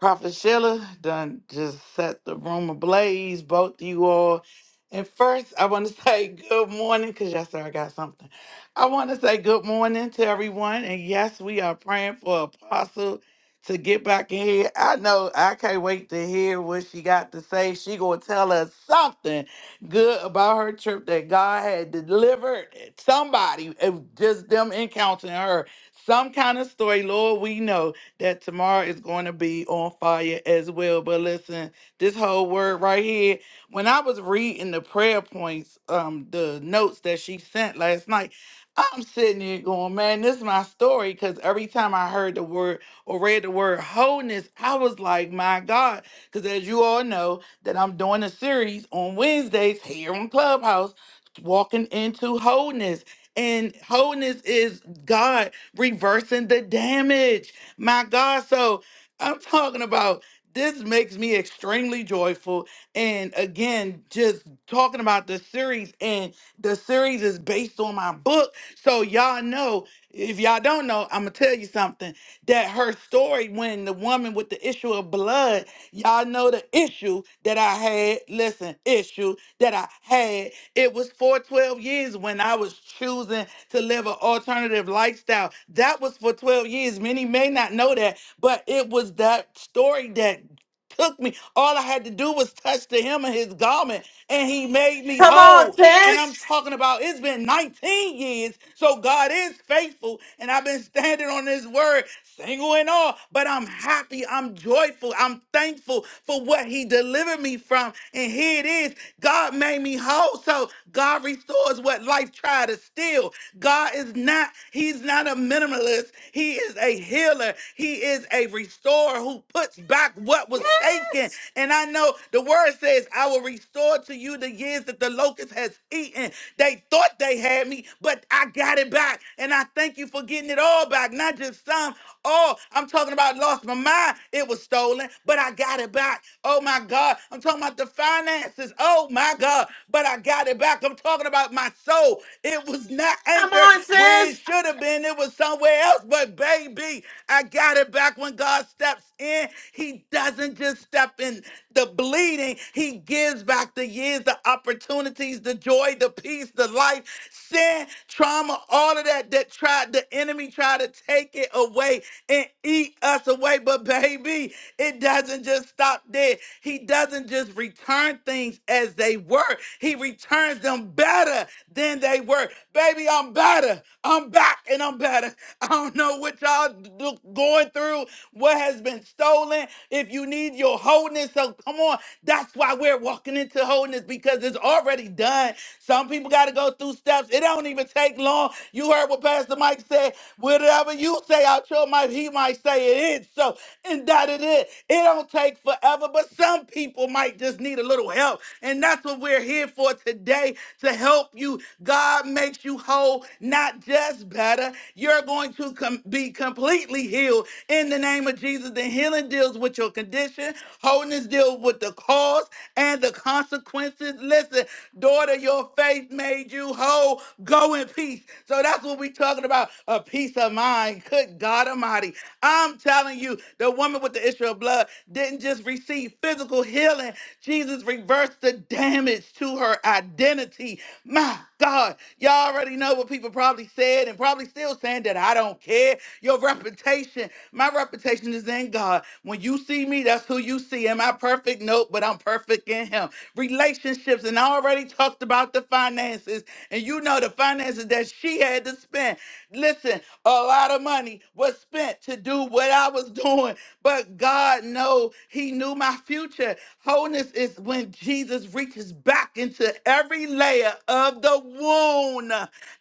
[SPEAKER 4] Prophet Sheila done just set the room ablaze, both you all. And first, I want to say good morning because yes, sir, I got something. I want to say good morning to everyone. And yes, we are praying for Apostle to get back in here. I know I can't wait to hear what she got to say. She gonna tell us something good about her trip that God had delivered somebody, it was just them encountering her. Some kind of story, Lord, we know that tomorrow is going to be on fire as well. But listen, this whole word right here, when I was reading the prayer points, um, the notes that she sent last night, I'm sitting here going, man, this is my story. Because every time I heard the word or read the word wholeness, I was like, my God. Because as you all know, that I'm doing a series on Wednesdays here on Clubhouse, walking into wholeness. And wholeness is God reversing the damage. My God, so I'm talking about this makes me extremely joyful. And again, just talking about the series, and the series is based on my book. So, y'all know, if y'all don't know, I'm gonna tell you something that her story when the woman with the issue of blood, y'all know the issue that I had, listen, issue that I had. It was for 12 years when I was choosing to live an alternative lifestyle. That was for 12 years. Many may not know that, but it was that story that took me. All I had to do was touch the hem of his garment, and he made me
[SPEAKER 2] Come on,
[SPEAKER 4] whole.
[SPEAKER 2] Tim.
[SPEAKER 4] And I'm talking about it's been 19 years, so God is faithful, and I've been standing on His word, single and all. But I'm happy, I'm joyful, I'm thankful for what He delivered me from. And here it is God made me whole, so God restores what life tried to steal. God is not, He's not a minimalist, He is a healer healer. He is a restorer who puts back what was taken. And I know the word says, I will restore to you the years that the locust has eaten. They thought they had me, but I got it back. And I thank you for getting it all back, not just some. Oh, I'm talking about lost my mind. It was stolen, but I got it back. Oh my God. I'm talking about the finances. Oh my God. But I got it back. I'm talking about my soul. It was not
[SPEAKER 2] Come
[SPEAKER 4] anchored here
[SPEAKER 2] on,
[SPEAKER 4] When it
[SPEAKER 2] sis.
[SPEAKER 4] should have been, it was somewhere else. But baby, I got it back when God steps in. He doesn't just step in the bleeding, He gives back the years, the opportunities, the joy, the peace, the life, sin, trauma, all of that that tried, the enemy tried to take it away and eat us away. But baby, it doesn't just stop there. He doesn't just return things as they were. He returns returns them better than they were. Baby, I'm better. I'm back and I'm better. I don't know what y'all do, going through, what has been stolen. If you need your wholeness, so come on. That's why we're walking into wholeness because it's already done. Some people got to go through steps. It don't even take long. You heard what Pastor Mike said. Whatever you say out your mouth, he might say it is. So, and that it is. It don't take forever, but some. Some people might just need a little help. And that's what we're here for today to help you. God makes you whole, not just better. You're going to com- be completely healed in the name of Jesus. The healing deals with your condition, wholeness deals with the cause and the consequences. Listen, daughter, your faith made you whole. Go in peace. So that's what we're talking about a peace of mind. Good God Almighty. I'm telling telling you, the woman with the issue of blood didn't just receive physical healing, Jesus reversed the damage to her identity. My God, y'all already know what people probably said and probably still saying that I don't care. Your reputation, my reputation is in God. When you see me, that's who you see. Am I perfect? Nope, but I'm perfect in Him. Relationships, and I already talked about the finances, and you know the finances that she had to spend. Listen, a lot of money was spent to do what I was doing, but God know he knew my future. Wholeness is when Jesus reaches back into every layer of the wound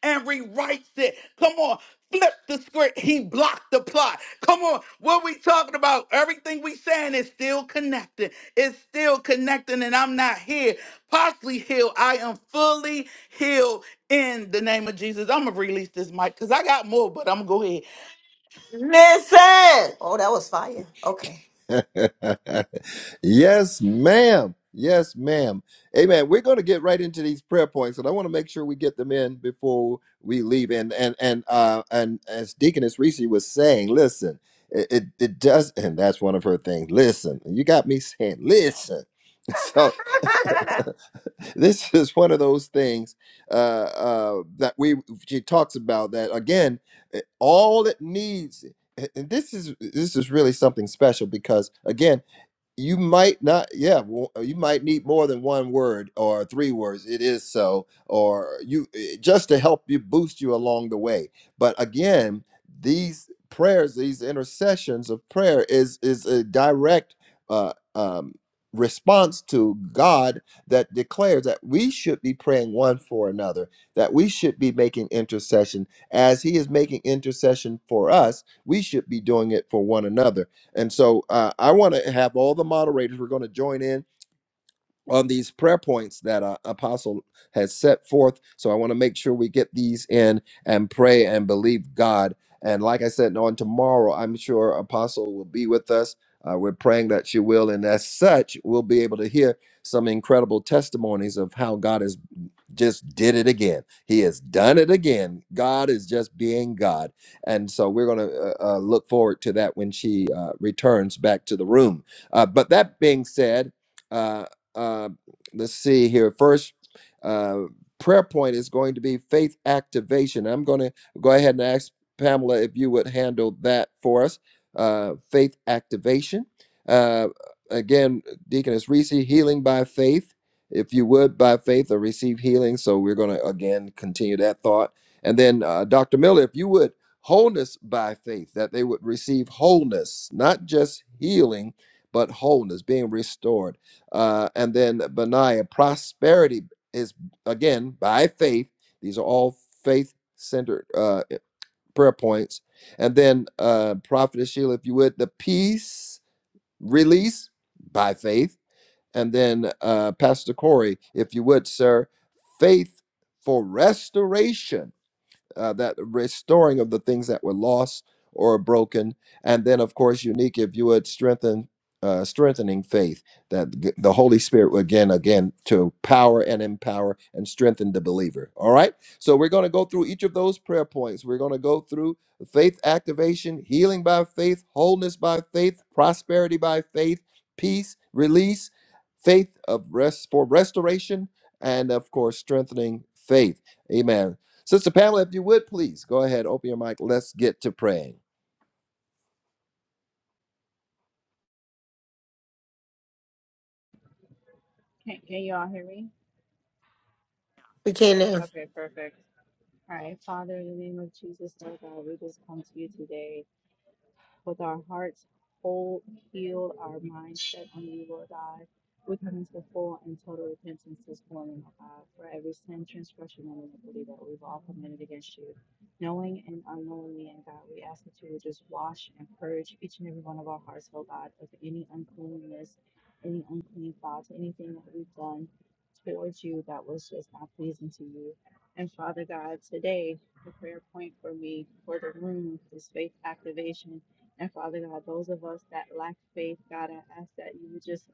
[SPEAKER 4] and rewrites it. Come on. Flip the script. He blocked the plot. Come on. What we talking about? Everything we saying is still connected. It's still connecting, and I'm not here. Partially healed. I am fully healed in the name of Jesus, I'm gonna release this mic because I got more, but I'm gonna go ahead.
[SPEAKER 2] Listen. Oh, that was fire. Okay.
[SPEAKER 1] yes, ma'am. Yes, ma'am. Amen. We're going to get right into these prayer points, and I want to make sure we get them in before we leave. And and and uh, and as Deaconess Reese was saying, listen, it, it it does, and that's one of her things. Listen, you got me saying, listen. So this is one of those things uh, uh, that we she talks about that again. eh, All it needs, eh, and this is this is really something special because again you might not yeah well, you might need more than one word or three words it is so or you eh, just to help you boost you along the way but again these prayers these intercessions of prayer is is a direct uh, um, response to god that declares that we should be praying one for another that we should be making intercession as he is making intercession for us we should be doing it for one another and so uh, I want to have all the moderators, we're going to join in on these prayer points that uh, Apostle has set forth. So I want to make sure we get these in and pray and believe God. And like I said, on tomorrow, I'm sure Apostle will be with us. Uh, we're praying that she will. And as such, we'll be able to hear some incredible testimonies of how God is just did it again. He has done it again. God is just being God. And so we're going to uh, uh, look forward to that when she uh, returns back to the room. Uh, but that being said, uh, uh, let's see here. First, uh, prayer point is going to be faith activation. I'm going to go ahead and ask Pamela if you would handle that for us. Uh, faith activation. Uh, again, Deaconess Reese, healing by faith if you would, by faith or receive healing. So we're going to again continue that thought. And then, uh, Dr. Miller, if you would, wholeness by faith, that they would receive wholeness, not just healing, but wholeness, being restored. Uh, and then, Benaiah, prosperity is again by faith. These are all faith centered uh, prayer points. And then, uh, Prophetess Sheila, if you would, the peace release by faith and then, uh, Pastor Corey, if you would, sir, faith for restoration uh, that restoring of the things that were lost or broken, and then of course unique if you would strengthen uh, strengthening faith that g- the Holy Spirit would again again to power and empower and strengthen the believer. All right, so we're going to go through each of those prayer points. We're going to go through faith activation, healing by faith, wholeness by faith, prosperity by faith, peace, release, faith of rest for restoration, and of course strengthening faith. Amen. Sister Pamela, if you would please go ahead, open your mic. Let's get to praying.
[SPEAKER 3] Can, can you all hear me?
[SPEAKER 2] We can now.
[SPEAKER 3] Okay, perfect. All right, Father, in the name of Jesus, Lord God, we just come to you today with our hearts whole, healed, our minds set on you, Lord God. We come into full and total repentance this morning, O God, for every sin, transgression, and iniquity that we've all committed against you, knowing and unknowingly. And God, we ask that you would just wash and purge each and every one of our hearts, O God, of any uncleanness, any unclean thoughts, anything that we've done towards you that was just not pleasing to you. And Father God, today, the prayer point for me, for the room, is faith activation and Father God, those of us that lack faith, God, I ask that you would just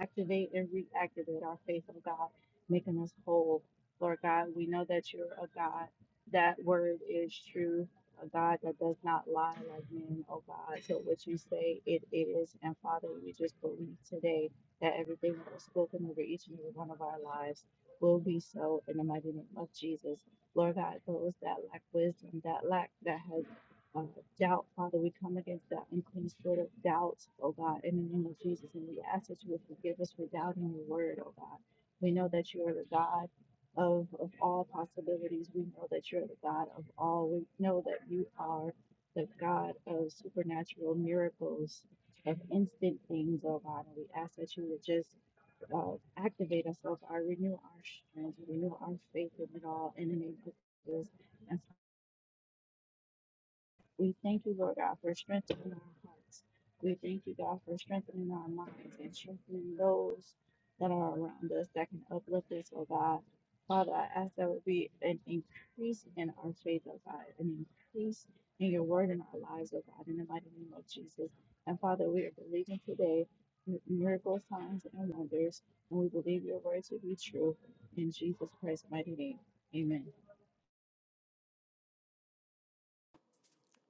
[SPEAKER 3] activate and reactivate our faith, oh God, making us whole. Lord God, we know that you're a God. That word is true, a God that does not lie like men, oh God. So what you say, it is. And Father, we just believe today that everything that was spoken over each and every one of our lives will be so in the mighty name of Jesus. Lord God, those that lack wisdom, that lack, that has uh, doubt, Father. We come against that unclean spirit of doubt, oh God, in the name of Jesus. And we ask that you would forgive us for doubting your word, oh God. We know that you are the God of, of all possibilities. We know that you're the God of all. We know that you are the God of supernatural miracles, of instant things, oh God. And we ask that you would just uh, activate us, oh God, renew our strength, renew our faith in it all in the name of Jesus. And we thank you, Lord God, for strengthening our hearts. We thank you, God, for strengthening our minds and strengthening those that are around us that can uplift us, oh God. Father, I ask that would be an increase in our faith, oh God, an increase in your word in our lives, oh God, in the mighty name of Jesus. And Father, we are believing today mi- miracles, signs, and wonders, and we believe your word to be true. In Jesus Christ's mighty name, amen.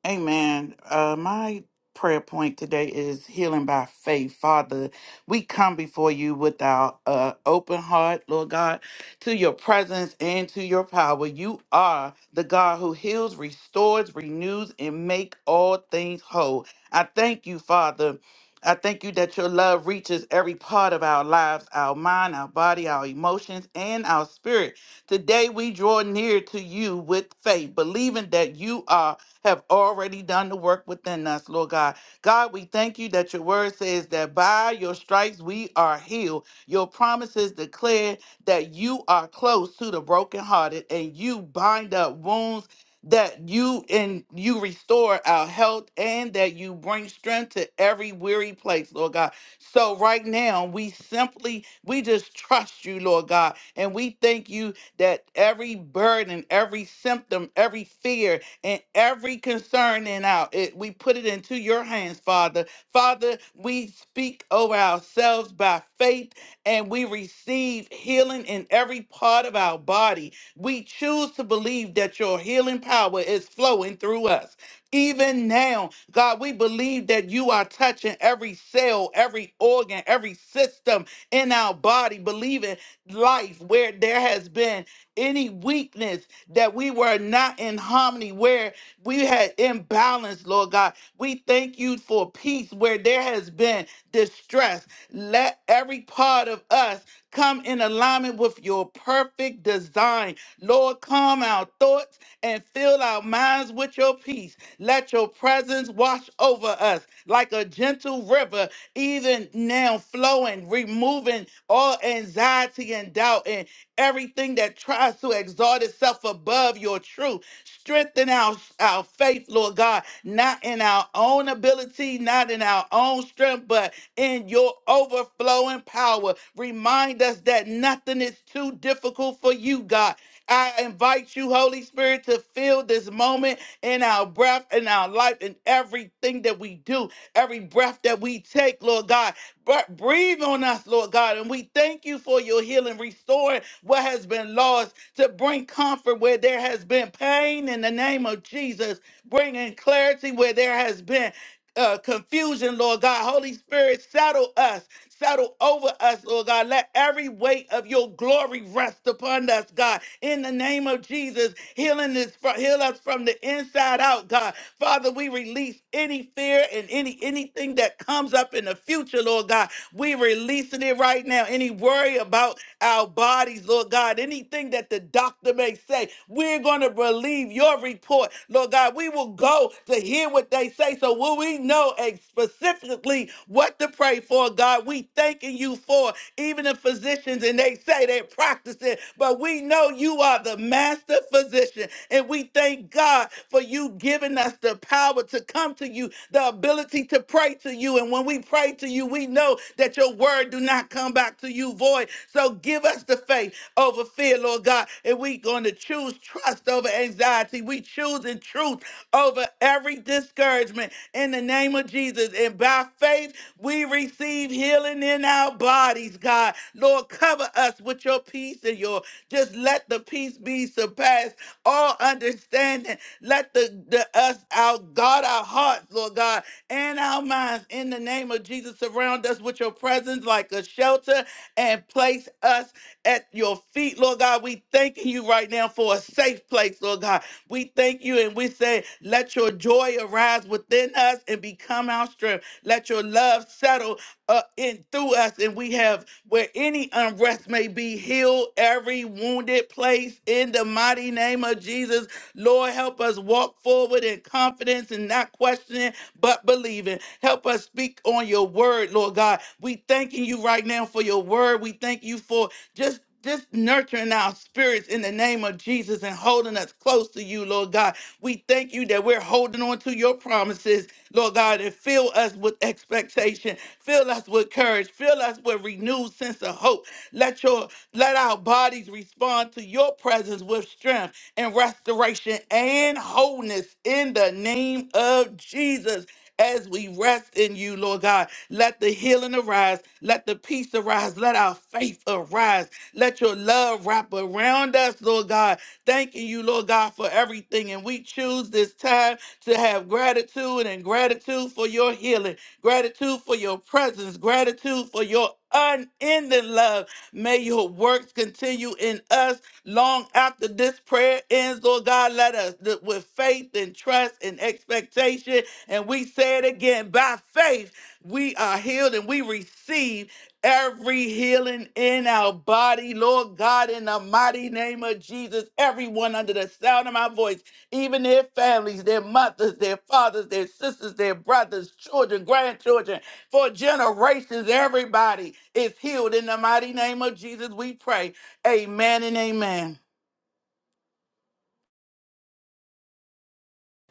[SPEAKER 4] Amen. Uh, my prayer point today is healing by faith. Father, we come before you with our uh, open heart, Lord God, to your presence and to your power. You are the God who heals, restores, renews, and make all things whole. I thank you, Father. I thank you that your love reaches every part of our lives, our mind, our body, our emotions, and our spirit. Today we draw near to you with faith, believing that you are have already done the work within us, Lord God. God, we thank you that your word says that by your stripes we are healed. Your promises declare that you are close to the brokenhearted and you bind up wounds that you and you restore our health and that you bring strength to every weary place, Lord God. So right now, we simply we just trust you, Lord God, and we thank you that every burden, every symptom, every fear, and every concern and out. It, we put it into your hands, Father. Father, we speak over ourselves by faith and we receive healing in every part of our body. We choose to believe that your healing power is flowing through us. Even now, God, we believe that you are touching every cell, every organ, every system in our body, believing life where there has been any weakness that we were not in harmony, where we had imbalance, Lord God. We thank you for peace where there has been distress. Let every part of us come in alignment with your perfect design. Lord, calm our thoughts and fill our minds with your peace. Let your presence wash over us like a gentle river, even now flowing, removing all anxiety and doubt. and everything that tries to exalt itself above your truth. Strengthen our, our faith, Lord God, not in our own ability, not in our own strength, but in your overflowing power. Remind us that nothing is too difficult for you, God. I invite you, Holy Spirit, to fill this moment in our breath, in our life, in everything that we do, every breath that we take, Lord God. But breathe on us, Lord God. And we thank you for your healing, restoring what has been lost to bring comfort where there has been pain in the name of Jesus, bringing clarity where there has been uh, confusion, Lord God. Holy Spirit, settle us, settle over us, Lord God. Let every weight of your glory rest upon us, God. In the name of Jesus, healing is fro- heal us from the inside out, God. Father, we release any fear and any anything that comes up in the future, Lord God. We releasing it right now. Any worry about our bodies, Lord God. Anything that the doctor may say, we're going to believe your report, Lord. Lord God, we will go to hear what they say. So will we know ex- specifically what to pray for, God? We thanking you for even the physicians and they say they practice it, but we know you are the master physician. And we thank God for you giving us the power to come to you, the ability to pray to you. And when we pray to you, we know that your word do not come back to you void. So give us the faith over fear, Lord God. And we going to choose trust over anxiety. We choosing truth over every discouragement in the name of Jesus. And by faith, we receive healing in our bodies, God. Lord, cover us with your peace and your just let the peace be surpassed all understanding. Let the, the us our God our hearts, Lord God, and our minds in the name of Jesus surround us with your presence like a shelter and place place us at your feet, Lord God. We thanking you right now for a safe place, Lord God. We thank you and we say, let your joy arise within us and become our strength. Let your love settle uh, in through us, and we have where any unrest may be, heal every wounded place in the mighty name of Jesus. Lord, help us walk forward in confidence and not questioning, but believing. Help us speak on your word, Lord God. God. We thanking you right now for your word. We thank you for just just nurturing our spirits in the name of Jesus and holding us close to you, Lord God. We thank you that we're holding on to your promises, Lord God, and fill us with expectation, fill us with courage, fill us with renewed sense of hope. Let your let our bodies respond to your presence with strength and restoration and wholeness in the name of Jesus as we rest in you, Lord God. Let the healing arise. Let the peace arise. Let our faith arise. Let your love wrap around us, Lord God. Thanking you, Lord God, for everything. And we choose this time to have gratitude and gratitude for your healing, gratitude for your presence, gratitude for your unending love. May your works continue in us Long after this prayer ends, Lord God, let us th- with faith and trust and expectation. And we say it again by faith, we are healed and we receive every healing in our body, Lord God, in the mighty name of Jesus. Everyone under the sound of my voice, even their families, their mothers, their fathers, their sisters, their brothers, children, grandchildren, for generations, everybody is healed in the mighty name of Jesus. We pray. Amen and amen.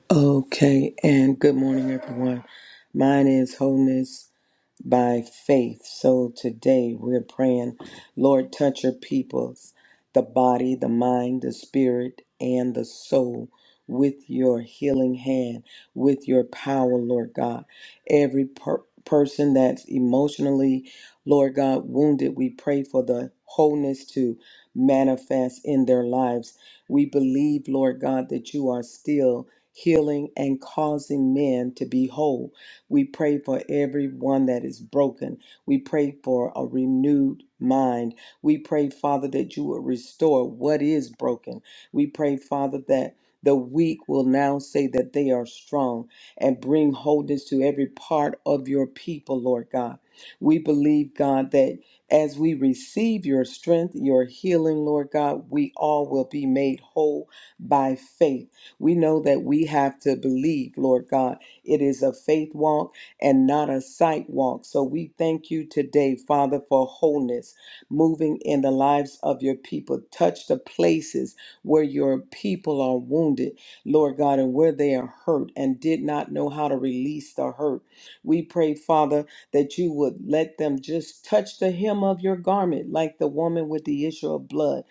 [SPEAKER 5] Okay, and good morning, everyone. Mine is wholeness by faith. So today we're praying, Lord, touch your peoples, the body, the mind, the spirit, and the soul with your healing hand, with your power, Lord God. Every per- person that's emotionally, Lord God, wounded, we pray for the wholeness to manifest in their lives. We believe, Lord God, that you are still healing and causing men to be whole. We pray for everyone that is broken. We pray for a renewed mind. We pray, Father, that you will restore what is broken. We pray, Father, that the weak will now say that they are strong and bring wholeness to every part of your people, Lord God. We believe, God, that as we receive your strength, your healing, Lord God, we all will be made whole by faith. We know that we have to believe, Lord God it is a faith walk and not a sight walk. So we thank you today, Father, for wholeness moving in the lives of your people. Touch the places where your people are wounded, Lord God, and where they are hurt and did not know how to release the hurt. We pray, Father, that you would let them just touch the hem of your garment like the woman with the issue of blood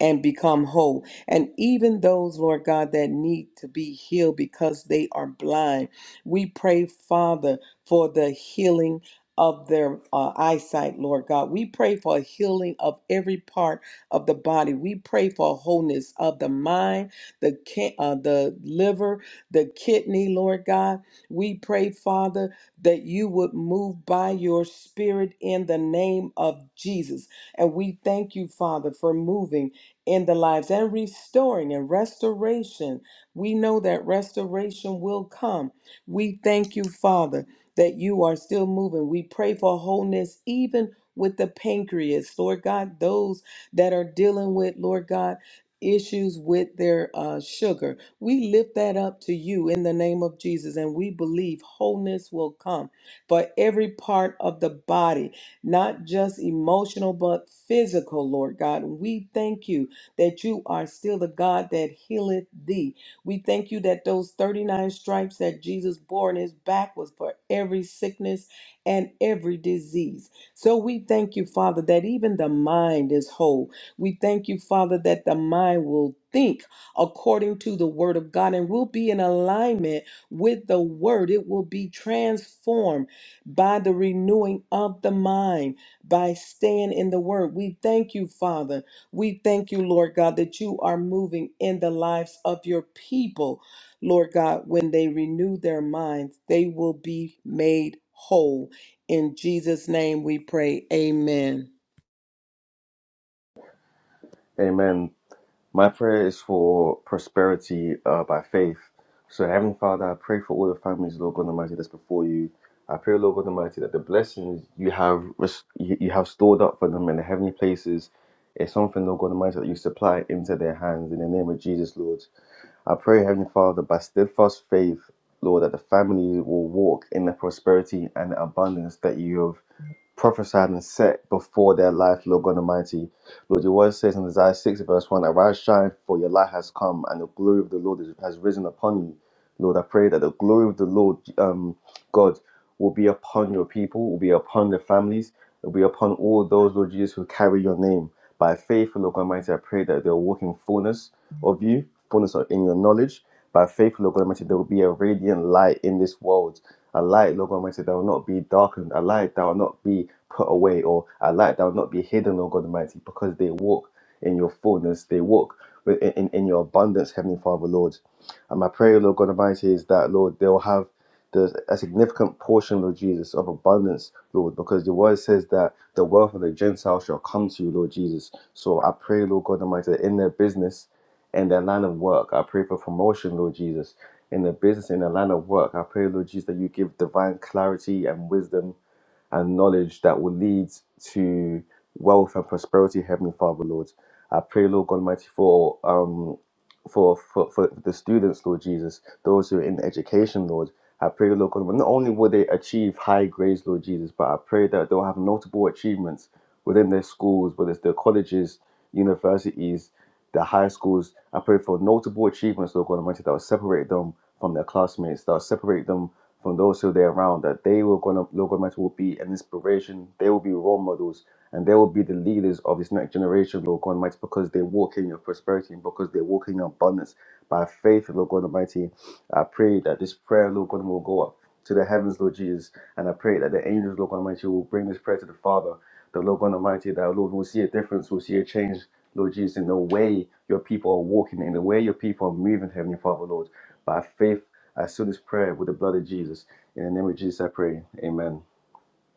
[SPEAKER 5] and become whole. And even those, Lord God, that need to be healed because they are blind. We pray, Father, for the healing of their uh, eyesight, Lord God. We pray for a healing of every part of the body. We pray for wholeness of the mind, the ki- uh, the liver, the kidney, Lord God. We pray, Father, that you would move by your spirit in the name of Jesus. And we thank you, Father, for moving in the lives and restoring and restoration. We know that restoration will come we thank you, Father, that you are still moving. We pray for wholeness, even with the pancreas, Lord God, those that are dealing with, Lord God, issues with their uh, sugar. We lift that up to you in the name of Jesus, and we believe wholeness will come for every part of the body, not just emotional, but physical, Lord God. We thank you that you are still the God that healeth thee. We thank you that those 39 stripes that Jesus bore on his back was for every sickness and every disease. So we thank you, Father, that even the mind is whole. We thank you, Father, that the mind will think according to the word of God and will be in alignment with the word. It will be transformed by the renewing of the mind, by staying in the word. We thank you, Father we thank you, Lord God, that you are moving in the lives of your people. Lord God, when they renew their minds, they will be made whole. In Jesus' name we pray. Amen.
[SPEAKER 6] Amen. My prayer is for prosperity uh, by faith. So, Heavenly Father, I pray for all the families, Lord God Almighty, that's before you. I pray, Lord God Almighty, that the blessings you have res- you you have stored up for them in the heavenly places is something, Lord God Almighty, that you supply into their hands in the name of Jesus, Lord. I pray, Heavenly Father, by steadfast faith, Lord, that the family will walk in the prosperity and the abundance that you have prophesied and set before their life, Lord God Almighty. Lord, your word says in Isaiah 6, verse 1, Arise, shine, for your light has come, and the glory of the Lord is- has risen upon you. Lord, I pray that the glory of the Lord, um, God, will be upon your people, will be upon their families, will be upon all those, Lord Jesus, who carry your name. By faith, Lord God Almighty, I pray that they'll walk in fullness of you, fullness of- in your knowledge. By faith, Lord God Almighty, there will be a radiant light in this world. A light, Lord God Almighty, that will not be darkened. A light that will not be put away or a light that will not be hidden, Lord God Almighty, because they walk in your fullness. They walk in, in in your abundance, Heavenly Father, Lord. And my prayer, Lord God Almighty, is that, Lord, they'll have the, a significant portion, Lord Jesus, of abundance, Lord, because the word says that the wealth of the Gentiles shall come to you, Lord Jesus. So I pray, Lord God Almighty, that in their business, in their line of work, I pray for promotion, Lord Jesus. In their business, in their line of work, I pray, Lord Jesus, that you give divine clarity and wisdom and knowledge that will lead to wealth and prosperity, Heavenly Father, Lord. I pray, Lord God Almighty, for um for, for, for the students, Lord Jesus, those who are in education, Lord. I pray, Lord God, not only will they achieve high grades, Lord Jesus, but I pray that they'll have notable achievements within their schools, whether it's their colleges, universities, their high schools. I pray for notable achievements, Lord God Almighty, that will separate them from their classmates, that will separate them from those who they're around that they will gonna local governments will be an inspiration. They will be role models, and they will be the leaders of this next generation of local governments because they're walking in prosperity and because they're walking in abundance by faith. Lord God Almighty, I pray that this prayer, Lord God, will go up to the heavens, Lord Jesus, and I pray that the angels, Lord God Almighty, will bring this prayer to the Father. The Lord God Almighty, that Lord will see a difference, will see a change, Lord Jesus, in the way your people are walking, in the way your people are moving, Heavenly Father, Lord, by faith. I seal this prayer with the blood of Jesus. In the name of Jesus, I pray. Amen.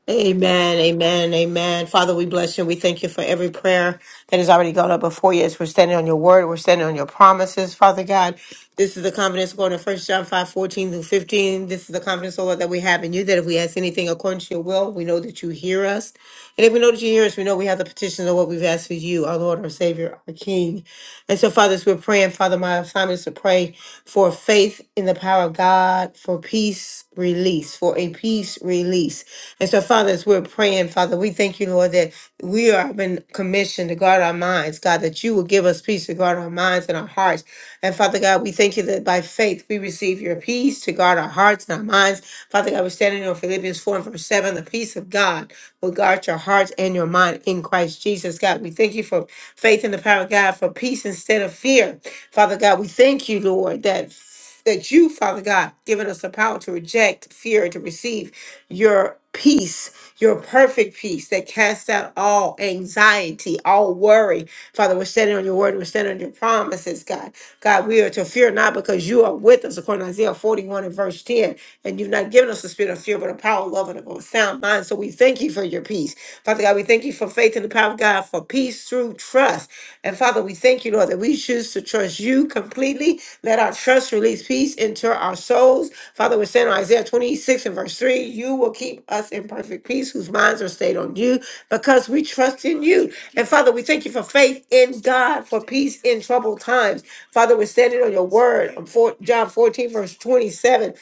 [SPEAKER 2] Amen, amen, amen. Father, we bless you. We thank you for every prayer that has already gone up before you. As we're standing on your word, we're standing on your promises, Father God. This is the confidence going to First John 5 14 through 15. This is the confidence, O Lord, that we have in you that if we ask anything according to your will, we know that you hear us. And if we know that you hear us, we know we have the petitions of what we've asked for you, our Lord, our Savior, our King. And so, Father, as we're praying, Father, my assignment is to pray for faith in the power of God, for peace release, for a peace release. And so, Father, as we're praying, Father, we thank you, Lord, that we are been commissioned to guard our minds, God, that you will give us peace to guard our minds and our hearts. And Father God, we thank you that by faith we receive your peace to guard our hearts and our minds. Father God, we're standing on Philippians 4 and verse 7. The peace of God will guard your hearts and your mind in Christ Jesus. God, we thank you for faith in the power of God, for peace instead of fear. Father God, we thank you, Lord, that that you, Father God, given us the power to reject fear, to receive your peace, your perfect peace that casts out all anxiety, all worry. Father, we're standing on your word, we're standing on your promises, God. God, we are to fear not because you are with us, according to Isaiah 41 and verse 10. And you've not given us the spirit of fear, but a power, of love, and a sound mind. So we thank you for your peace. Father God, we thank you for faith and the power of God, for peace through trust. And Father, we thank you, Thank you, Lord, that we choose to trust you completely. Let our trust release peace into our souls. Father, we're saying in Isaiah 26 and verse 3, you will keep us in perfect peace whose minds are stayed on you because we trust in you. And Father, we thank you for faith in God, for peace in troubled times. Father, we're standing on your word. on four- John 14, verse 27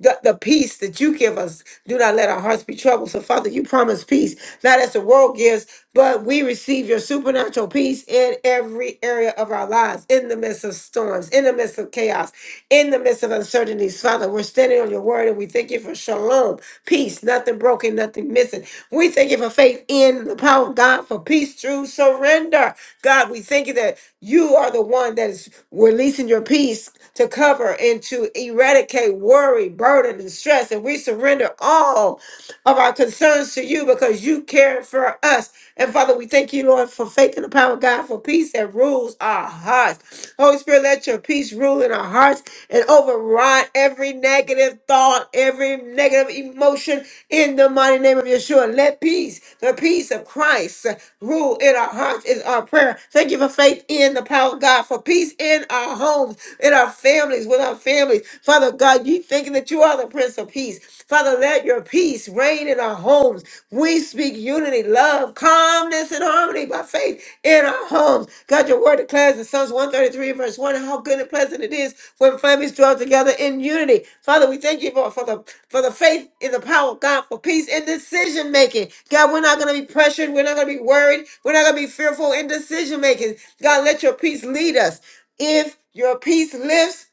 [SPEAKER 2] the, the peace that you give us. Do not let our hearts be troubled. So, Father, you promise peace, not as the world gives, but we receive your supernatural peace in every area of our lives, in the midst of storms, in the midst of chaos, in the midst of uncertainties. Father, we're standing on your word and we thank you for shalom, peace, nothing broken, nothing missing. We thank you for faith in the power of God, for peace through surrender. God, we thank you that you are the one that is releasing your peace to cover and to eradicate worry, burden, and stress. And we surrender all of our concerns to you because you care for us. And Father, we thank you, Lord, for faith and the power of God for peace that rules our hearts. Holy Spirit, let your peace rule in our hearts and override every negative thought, every negative emotion in the mighty name of Yeshua. Let peace, the peace of Christ, uh, rule in our hearts is our prayer. Thank you for faith in the power of God, for peace in our homes, in our families, with our families. Father, Lord God, you thinking that you are the Prince of Peace. Father, let your peace reign in our homes. We speak unity, love, calmness, and harmony by faith in our homes. God, your word declares in Psalms 133, verse 1, how good and pleasant it is when families dwell together in unity. Father, we thank you for, for the for the faith in the power of God for peace and decision making. God, we're not going to be pressured. We're not going to be worried. We're not going to be fearful in decision making. God, let your peace lead us. If your peace lifts,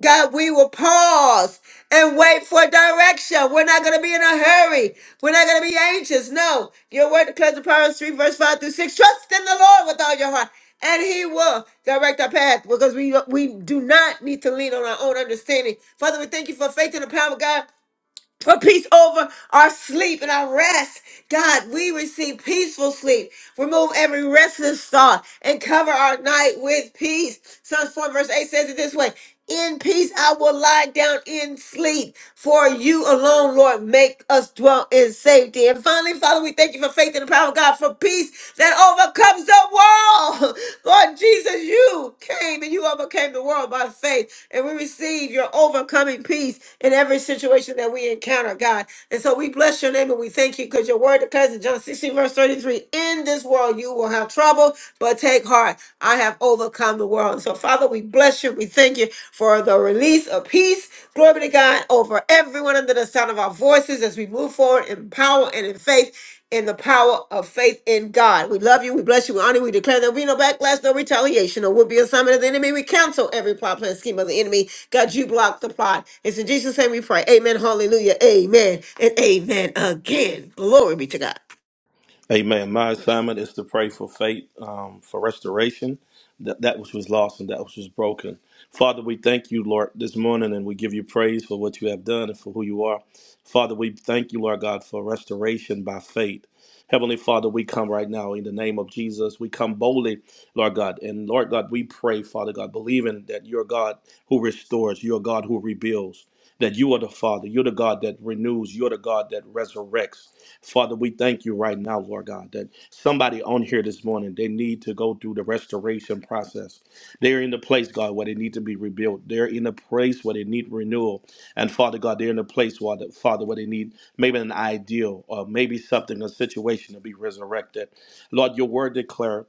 [SPEAKER 2] God, we will pause and wait for direction. We're not going to be in a hurry. We're not going to be anxious. No. Your word declares in Proverbs 3, verse 5 through 6. Trust in the Lord with all your heart, and he will direct our path because we, we do not need to lean on our own understanding. Father, we thank you for faith and the power, God for peace over our sleep and our rest. God, we receive peaceful sleep. Remove every restless thought and cover our night with peace. Psalms 4 verse 8 says it this way. In peace I will lie down in sleep. For you alone, Lord, make us dwell in safety. And finally, Father, we thank you for faith and the power of God for peace that overcomes the world. Lord Jesus, you came and you overcame the world by faith. And we receive your overcoming peace in every situation situation that we encounter, God. And so we bless your name and we thank you because your word declares in John 16, verse 33 In this world you will have trouble, but take heart. I have overcome the world. And so, Father, we bless you. We thank you for the release of peace. Glory be to God over everyone under the sound of our voices as we move forward in power and in faith in the power of faith in God. We love you. We bless you. We honor you. We declare there'll be no backlash, no retaliation, or will be assignment of the enemy. We cancel every plot, plan, scheme of the enemy God, you block the plot. It's in Jesus' name we pray. Amen. Hallelujah. Amen. And amen again. Glory be to God.
[SPEAKER 7] Amen. My assignment is to pray for faith, um, for restoration, that, that which was lost and that which was broken. Father, we thank you, Lord, this morning, and we give you praise for what you have done and for who you are. Father, we thank you, Lord God, for restoration by faith. Heavenly Father, we come right now in the name of Jesus. We come boldly, Lord God. And Lord God, we pray, Father God, believing that you're God who restores, you're God who rebuilds, that you are the Father, you're the God that renews, you're the God that resurrects. Father, we thank you right now, Lord God, that somebody on here this morning, they need to go through the restoration process. They're in the place, God, where they need to be rebuilt. They're in a place where they need renewal. And Father God, they're in a place where, the, Father, where they need maybe an ideal or maybe something, a situation to be resurrected. Lord, your word declared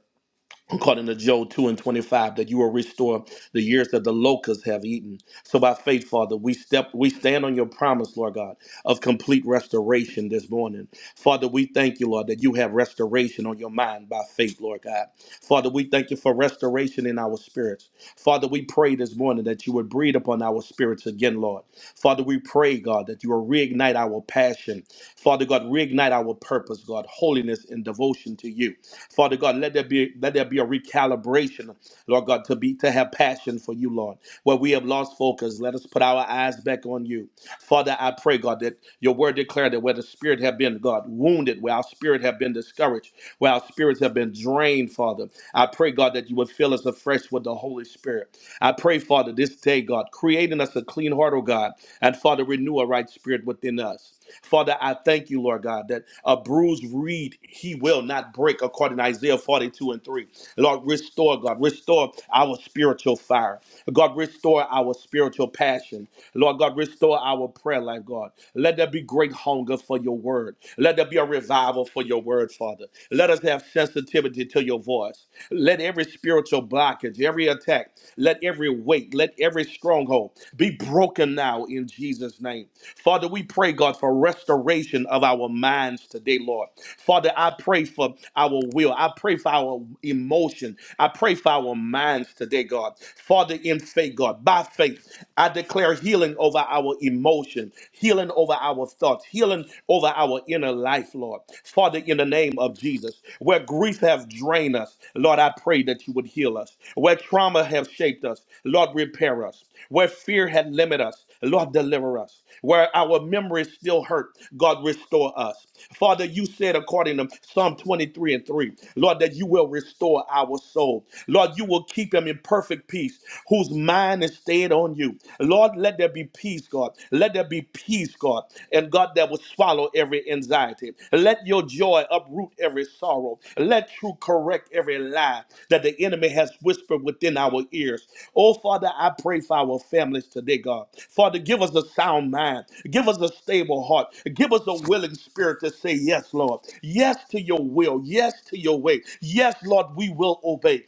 [SPEAKER 7] according to Job 2 and 25, that you will restore the years that the locusts have eaten. So by faith, Father, we step we stand on your promise, Lord God, of complete restoration this morning. Father, we thank you, Lord, that you have restoration on your mind by faith, Lord God. Father, we thank you for restoration in our spirits. Father, we pray this morning that you would breathe upon our spirits again, Lord. Father, we pray, God, that you will reignite our passion. Father God, reignite our purpose, God, holiness and devotion to you. Father God, let there be let there be a recalibration, Lord God, to be to have passion for you, Lord. Where we have lost focus, let us put our eyes back on you. Father, I pray, God, that your word declared that where the spirit have been, God, wounded, where our spirit have been discouraged, where our spirits have been drained, Father, I pray, God, that you would fill us afresh with the Holy Spirit. I pray, Father, this day, God, creating us a clean heart, oh God, and Father, renew a right spirit within us. Father, I thank you, Lord God, that a bruised reed he will not break, according to Isaiah 42 and 3. Lord, restore, God, restore our spiritual fire. God, restore our spiritual passion. Lord God, restore our prayer life, God. Let there be great hunger for your word. Let there be a revival for your word, Father. Let us have sensitivity to your voice. Let every spiritual blockage, every attack, let every weight, let every stronghold be broken now in Jesus' name. Father, we pray, God, for restoration of our minds today, Lord. Father, I pray for our will. I pray for our emotion. I pray for our minds today, God. Father, in faith, God by faith. I declare healing over our emotions, healing over our thoughts, healing over our inner life, Lord. Father, in the name of Jesus, where grief have drained us, Lord, I pray that you would heal us. Where trauma have shaped us, Lord, repair us. Where fear had limited us, Lord, deliver us. Where our memories still hurt, God, restore us. Father, you said according to Psalm 23 and 3, Lord, that you will restore our soul. Lord, you will keep them in perfect peace, whose mind is stayed on you. Lord, let there be peace, God. Let there be peace, God. And God, that will swallow every anxiety. Let your joy uproot every sorrow. Let truth correct every lie that the enemy has whispered within our ears. Oh, Father, I pray for our families today, God. Father, give us a sound mind. Give us a stable heart. Give us a willing spirit to say yes, Lord. Yes to your will. Yes to your way. Yes, Lord, we will obey.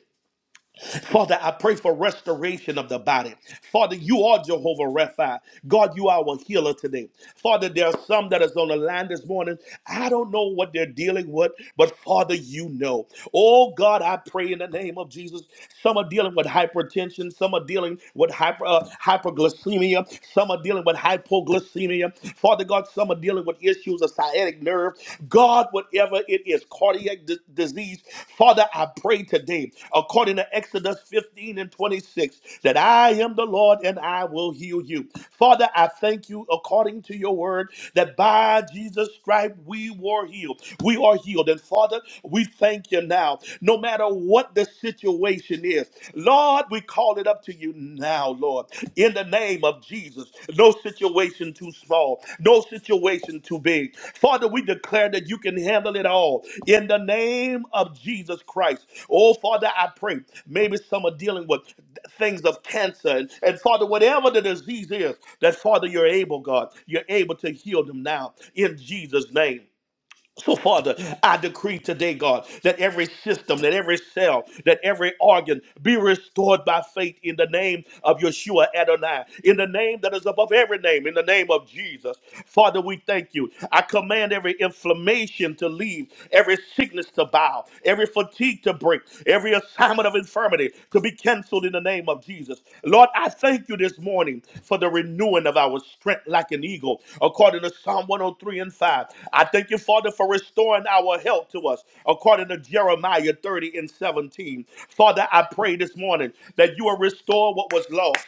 [SPEAKER 7] Father, I pray for restoration of the body. Father, you are Jehovah Rapha. God, you are our healer today. Father, there are some that is on the line this morning. I don't know what they're dealing with, but Father, you know. Oh God, I pray in the name of Jesus. Some are dealing with hypertension. Some are dealing with hyper, uh, hyperglycemia. Some are dealing with hypoglycemia. Father God, some are dealing with issues issues, a sciatic nerve, God, whatever it is, cardiac di- disease. Father, I pray today, according to Exodus 15 and 26, that I am the Lord and I will heal you. Father, I thank you according to your word that by Jesus' stripe we were healed. We are healed. And Father, we thank you now, no matter what the situation is. Lord, we we call it up to you now, Lord, in the name of Jesus. No situation too small, no situation too big. Father, we declare that you can handle it all in the name of Jesus Christ. Oh, Father, I pray. Maybe some are dealing with things of cancer, and, and Father, whatever the disease is, that Father, you're able, God, you're able to heal them now in Jesus' name. So, Father, I decree today, God, that every system, that every cell, that every organ be restored by faith in the name of Yeshua Adonai, in the name that is above every name, in the name of Jesus. Father, we thank you. I command every inflammation to leave, every sickness to bow, every fatigue to break, every assignment of infirmity to be canceled in the name of Jesus. Lord, I thank you this morning for the renewing of our strength like an eagle, according to Psalm 103 and 5. I thank you, Father, for restoring our health to us, according to Jeremiah 30 and 17. Father, I pray this morning that you will restore what was lost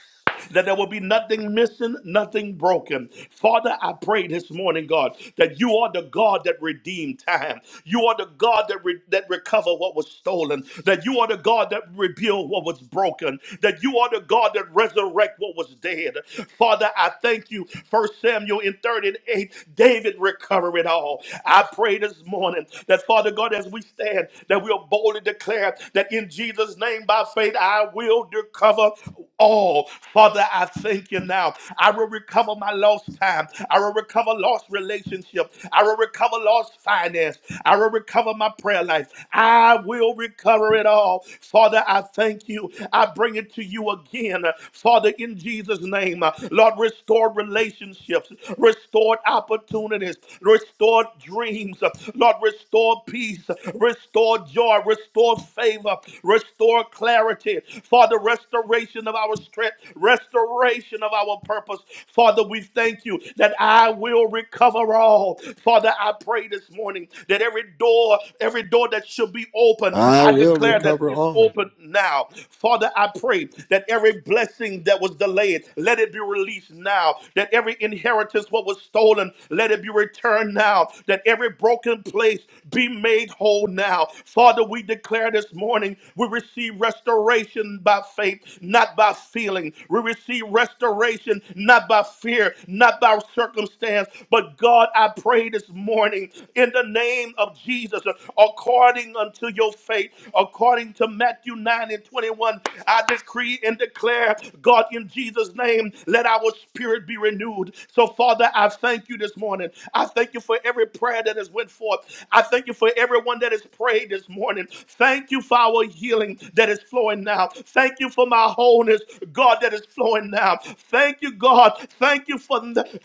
[SPEAKER 7] that there will be nothing missing, nothing broken. Father, I pray this morning, God, that you are the God that redeemed time. You are the God that re- that recover what was stolen. That you are the God that rebuild what was broken. That you are the God that resurrect what was dead. Father, I thank you. First Samuel in 38, David recover it all. I pray this morning that Father God, as we stand, that we'll boldly declare that in Jesus. Jesus' name by faith, I will recover all. Father, I thank you now. I will recover my lost time. I will recover lost relationship. I will recover lost finance. I will recover my prayer life. I will recover it all. Father, I thank you. I bring it to you again. Father, in Jesus' name, Lord, restore relationships, restored opportunities, restored dreams, Lord, restore restore peace, restore joy, restore favor, restore clarity. Father, restoration of our strength, restoration of our purpose. Father, we thank you that I will recover all. Father, I pray this morning that every door, every door that should be open,
[SPEAKER 1] I
[SPEAKER 7] I
[SPEAKER 1] will
[SPEAKER 7] declare that
[SPEAKER 1] recover
[SPEAKER 7] it's
[SPEAKER 1] all.
[SPEAKER 7] open now. Father, I pray that every blessing that was delayed, let it be released now. That every inheritance what was stolen stolen, let it be returned now. That every broken place be made whole now. Father, we declare this morning we receive restoration by faith, not by feeling. We receive restoration not by fear, not by circumstance. But God, I pray this morning in the name of Jesus, according unto your faith, according to Matthew 9 and 21, I decree and declare, God, in Jesus. Jesus' name, let our spirit be renewed. So, Father, I thank you this morning. I thank you for every prayer that has went forth. I thank you for everyone that has prayed this morning. Thank you for our healing that is flowing now. Thank you for my wholeness, God, that is flowing now. Thank you, God. Thank you for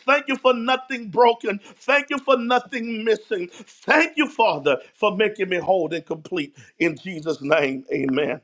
[SPEAKER 7] thank you for nothing broken. Thank you for nothing missing. Thank you, Father, for making me whole and complete. In Jesus' name, Amen.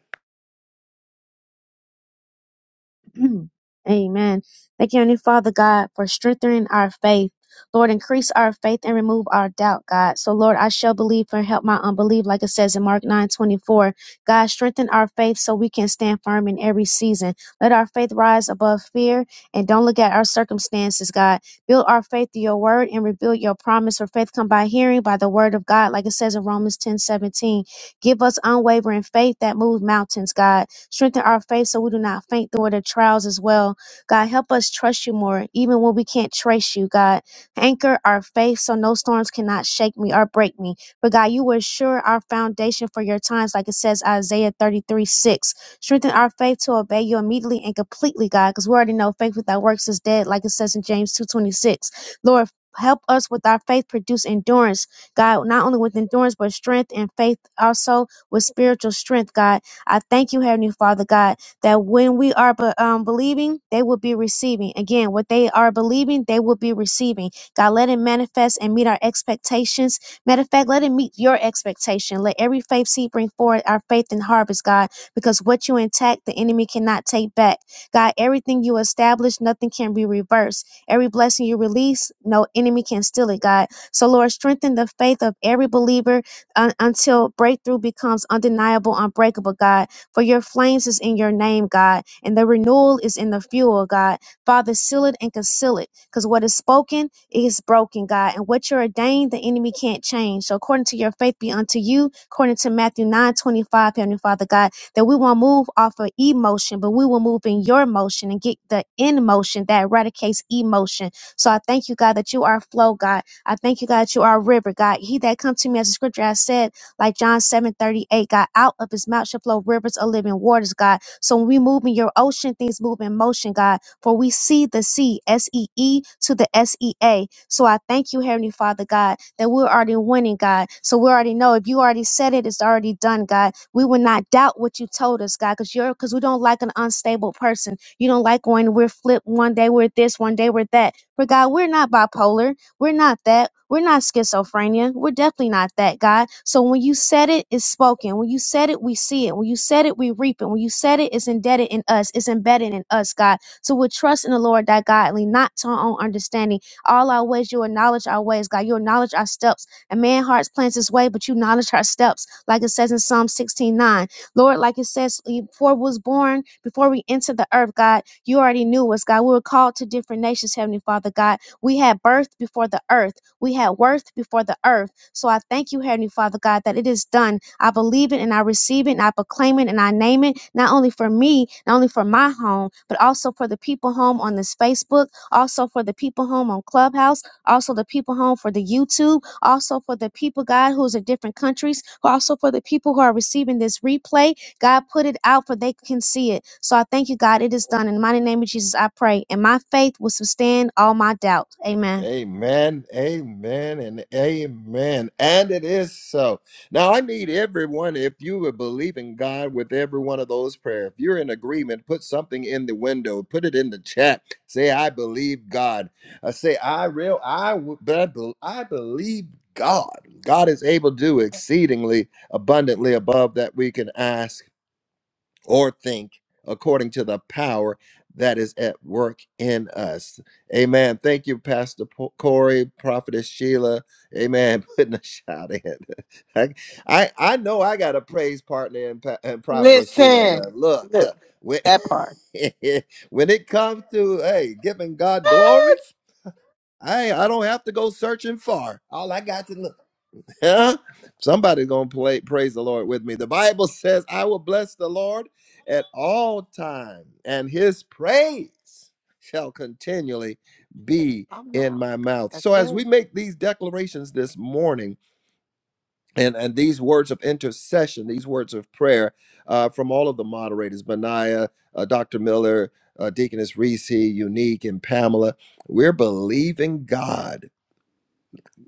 [SPEAKER 8] Amen. Thank you, Heavenly Father God, for strengthening our faith. Lord, increase our faith and remove our doubt, God. So, Lord, I shall believe and help my unbelief, like it says in Mark nine twenty four. God, strengthen our faith so we can stand firm in every season. Let our faith rise above fear and don't look at our circumstances, God. Build our faith through your word and rebuild your promise. For faith come by hearing by the word of God, like it says in Romans ten seventeen. Give us unwavering faith that moves mountains, God. Strengthen our faith so we do not faint through the trials as well. God, help us trust you more, even when we can't trace you, God. Anchor our faith so no storms cannot shake me or break me. But God, you will assure our foundation for your times, like it says Isaiah 33 6. Strengthen our faith to obey you immediately and completely, God, because we already know faith without works is dead, like it says in James 2 26. Lord, help us with our faith produce endurance God, not only with endurance, but strength and faith, also with spiritual strength, God. I thank you, Heavenly Father, God, that when we are be- um, believing, they will be receiving. Again, what they are believing, they will be receiving. God, let it manifest and meet our expectations. Matter of fact, let it meet your expectation. Let every faith seed bring forth our faith and harvest, God, because what you intact, the enemy cannot take back. God, everything you establish, nothing can be reversed. Every blessing you release, no enemy can steal it, God. So, Lord, strengthen the faith of every believer un- until breakthrough becomes undeniable, unbreakable, God. For your flames is in your name, God, and the renewal is in the fuel, God. Father, seal it and conceal it, because what is spoken is broken, God, and what you're ordained, the enemy can't change. So, according to your faith be unto you, according to Matthew 9 25, Heavenly Father, God, that we won't move off of emotion, but we will move in your motion and get the in motion that eradicates emotion. So, I thank you, God, that you are flow, God I thank you, God, that you are a river, God. He that come to me, as the scripture has said, like John seven thirty eight, God, out of his mouth shall flow rivers of living waters, God. So when we move in your ocean, things move in motion, God. For we see the sea, S E E to the S E A. So I thank you, Heavenly Father, God, that we're already winning, God. So we already know if you already said it, it's already done, God. We will not doubt what you told us, God, because you're because we don't like an unstable person. You don't like when we're flipped one day we're this, one day we're that. But God, we're not bipolar. We're not that. We're not schizophrenia. We're definitely not that, God. So when you said it, it's spoken. When you said it, we see it. When you said it, we reap it. When you said it, it's embedded in us. It's embedded in us, God. So we trust in the Lord that God, and lean not to our own understanding. All our ways, you acknowledge our ways, God. You acknowledge our steps. A man hearts plans his way, but you acknowledge our steps, like it says in Psalm 16 9. Lord, like it says, before we was born, before we entered the earth, God, you already knew us, God. We were called to different nations, Heavenly Father, God. We had birth before the earth. We had worth before the earth. So I thank you, Heavenly Father God, that it is done. I believe it and I receive it and I proclaim it and I name it, not only for me, not only for my home, but also for the people home on this Facebook, also for the people home on Clubhouse, also the people home for the YouTube, also for the people, God, who's in different countries, also for the people who are receiving this replay, God, put it out for they can see it. So I thank you, God. It is done. In the mighty name of Jesus, I pray. And my faith will sustain all my doubt. Amen.
[SPEAKER 1] Amen, amen, and amen. And it is so. Now, I need everyone, if you would believe in God with every one of those prayers, if you're in agreement, put something in the window, put it in the chat. Say, I believe God. I say, I real, I, w- but I bel- I believe God. God is able to do exceedingly abundantly above that we can ask or think according to the power that is at work in us. Amen. Thank you, Pastor Po- Corey, Prophetess Sheila. Amen. Putting a shout in. I, I, I know I got a praise partner in, Pa- in Prophetess Sheila.
[SPEAKER 2] Listen,
[SPEAKER 1] Now, look,
[SPEAKER 2] look,
[SPEAKER 1] when,
[SPEAKER 2] that part.
[SPEAKER 1] when it comes to, hey, giving God glory, I, I don't have to go searching far. All I got to look. Huh? Somebody's gonna play, praise the Lord with me. The Bible says, "I will bless the Lord at all time, and His praise shall continually be in my mouth." So, as we make these declarations this morning, and and these words of intercession, these words of prayer uh, from all of the moderators, Benaiah, uh, Dr. Miller, uh, Deaconess Reese, Unique, and Pamela, we're believing God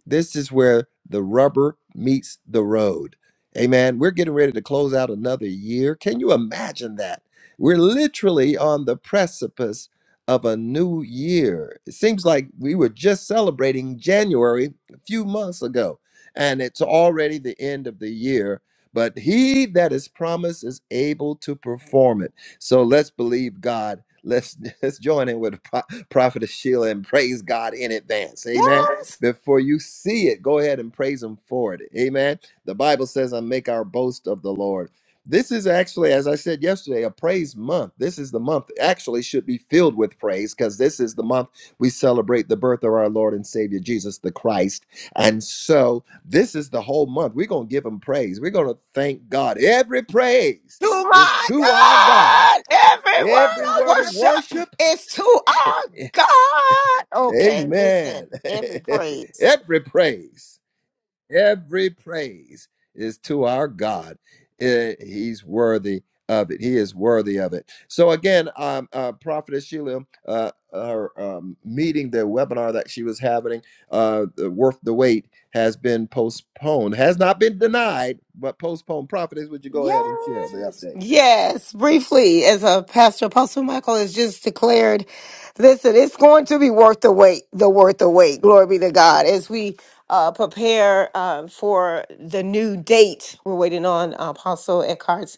[SPEAKER 1] this is where the rubber meets the road. Amen. We're getting ready to close out another year. Can you imagine that? We're literally on the precipice of a new year. It seems like we were just celebrating January a few months ago, and it's already the end of the year. But he that is promised is able to perform it. So let's believe God. Let's, let's join in with the pro- prophet of Sheila and praise God in advance. Amen.
[SPEAKER 2] Yes,
[SPEAKER 1] Before you see it, go ahead and praise him for it. Amen. The Bible says, I make our boast of the Lord. This is actually, as I said yesterday, a praise month. This is the month that actually should be filled with praise because this is the month we celebrate the birth of our Lord and Savior Jesus the Christ. And so this is the whole month. We're going to give him praise. We're going to thank God. Every praise
[SPEAKER 2] to
[SPEAKER 1] is
[SPEAKER 2] my
[SPEAKER 1] to our God.
[SPEAKER 2] God. Every
[SPEAKER 1] Every
[SPEAKER 2] word of
[SPEAKER 1] word of
[SPEAKER 2] worship
[SPEAKER 1] worship.
[SPEAKER 2] is to our
[SPEAKER 1] eh,
[SPEAKER 2] God. Okay, listen,
[SPEAKER 1] Amen.
[SPEAKER 2] every praise.
[SPEAKER 1] Every praise. Every praise is to our God. Eh, He's worthy of it. He is worthy of it. So again, um, uh, Prophetess Sheila, uh, her um, meeting, the webinar that she was having, uh, the worth the wait, has been postponed. Has not been denied, but postponed. Prophetess, would you go ahead and share the
[SPEAKER 2] Yes.
[SPEAKER 1] update?
[SPEAKER 2] Yes. Briefly, as a pastor, Apostle Michael has just declared, listen, it's going to be worth the wait, the worth the wait. Glory be to God. As we uh, prepare um, for the new date, we're waiting on Apostle Eckhart's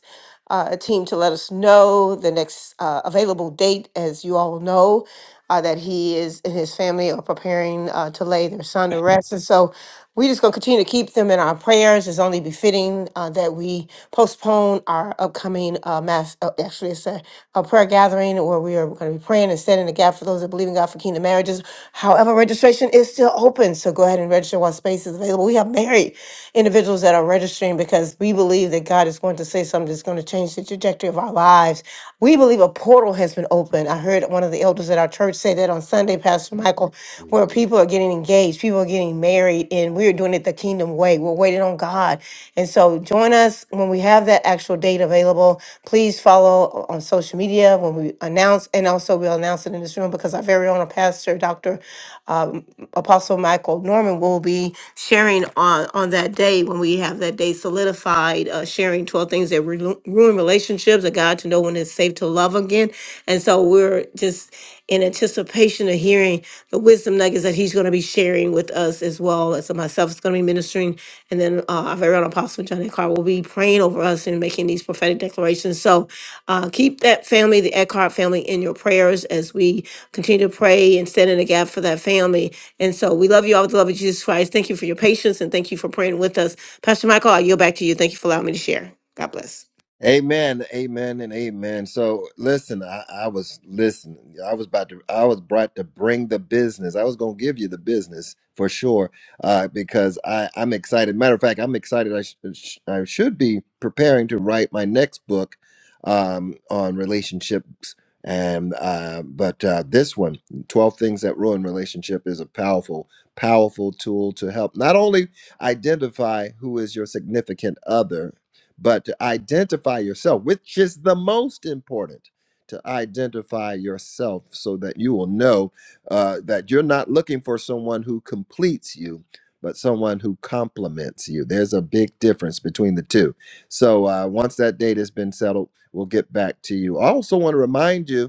[SPEAKER 2] uh, team to let us know the next uh, available date. As you all know, uh, that he is and his family are preparing uh, to lay their son to rest. And so we just going to continue to keep them in our prayers. It's only befitting uh, that we postpone our upcoming uh, mass, uh, actually, it's a, a prayer gathering where we are going to be praying and setting the gap for those that believe in God for kingdom marriages. However, registration is still open. So go ahead and register while space is available. We have married individuals that are registering because we believe that God is. God is going to say something that's going to change the trajectory of our lives. We believe a portal has been opened. I heard one of the elders at our church say that on Sunday, Pastor Michael, where people are getting engaged, people are getting married, and we're doing it the kingdom way. We're waiting on God. And so join us when we have that actual date available. Please follow on social media when we announce, and also we'll announce it in this room because our very own pastor, Dr um, Apostle Michael Norman will be sharing on on that day when we have that day solidified, uh, sharing twelve things that ru- ruin relationships, a guide to know when it's safe to love again. And so we're just in anticipation of hearing the wisdom nuggets that he's going to be sharing with us as well. And so myself is going to be ministering, and then uh, our very own Apostle Johnny Carr will be praying over us and making these prophetic declarations. So. Uh, keep that family, the Eckhart family, in your prayers as we continue to pray and stand in the gap for that family. And so we love you all with the love of Jesus Christ. Thank you for your patience and thank you for praying with us. Pastor Michael, I yield back to you. Thank you for allowing me to share. God bless.
[SPEAKER 1] Amen, amen, and amen. So listen, I, I was listening. I was about to. I was brought to bring the business. I was going to give you the business for sure uh, because I, I'm excited. Matter of fact, I'm excited. I, sh- uh, sh- I should be preparing to write my next book um, on relationships, and uh, but uh, this one, 12 Things That Ruin Relationship, is a powerful, powerful tool to help not only identify who is your significant other but to identify yourself, which is the most important, to identify yourself so that you will know uh, that you're not looking for someone who completes you, but someone who complements you. There's a big difference between the two. So uh, once that date has been settled, we'll get back to you. I also want to remind you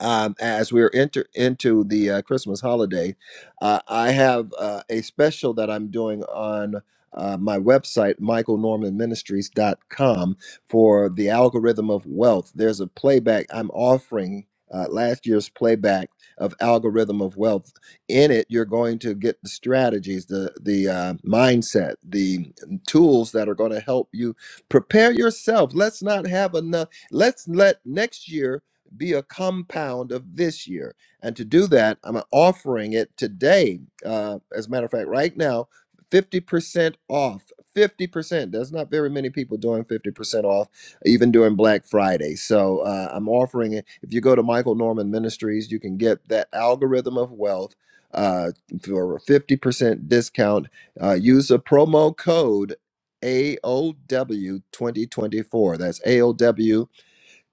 [SPEAKER 1] um, as we're enter into the uh, Christmas holiday, uh, I have uh, a special that I'm doing on uh, my website, michaelnormanministries.com, for the algorithm of wealth. There's a playback I'm offering. Uh, last year's playback of algorithm of wealth in it you're going to get the strategies the the uh, mindset the mm, tools that are going to help you prepare yourself let's not have enough let's let next year be a compound of this year. And to do that, I'm offering it today. Uh, as a matter of fact, right now, 50% off. 50%. There's not very many people doing 50% off, even during Black Friday. So uh, I'm offering it. If you go to Michael Norman Ministries, you can get that algorithm of wealth uh, for a 50% discount. Uh, use a promo code AOW2024. That's AOW.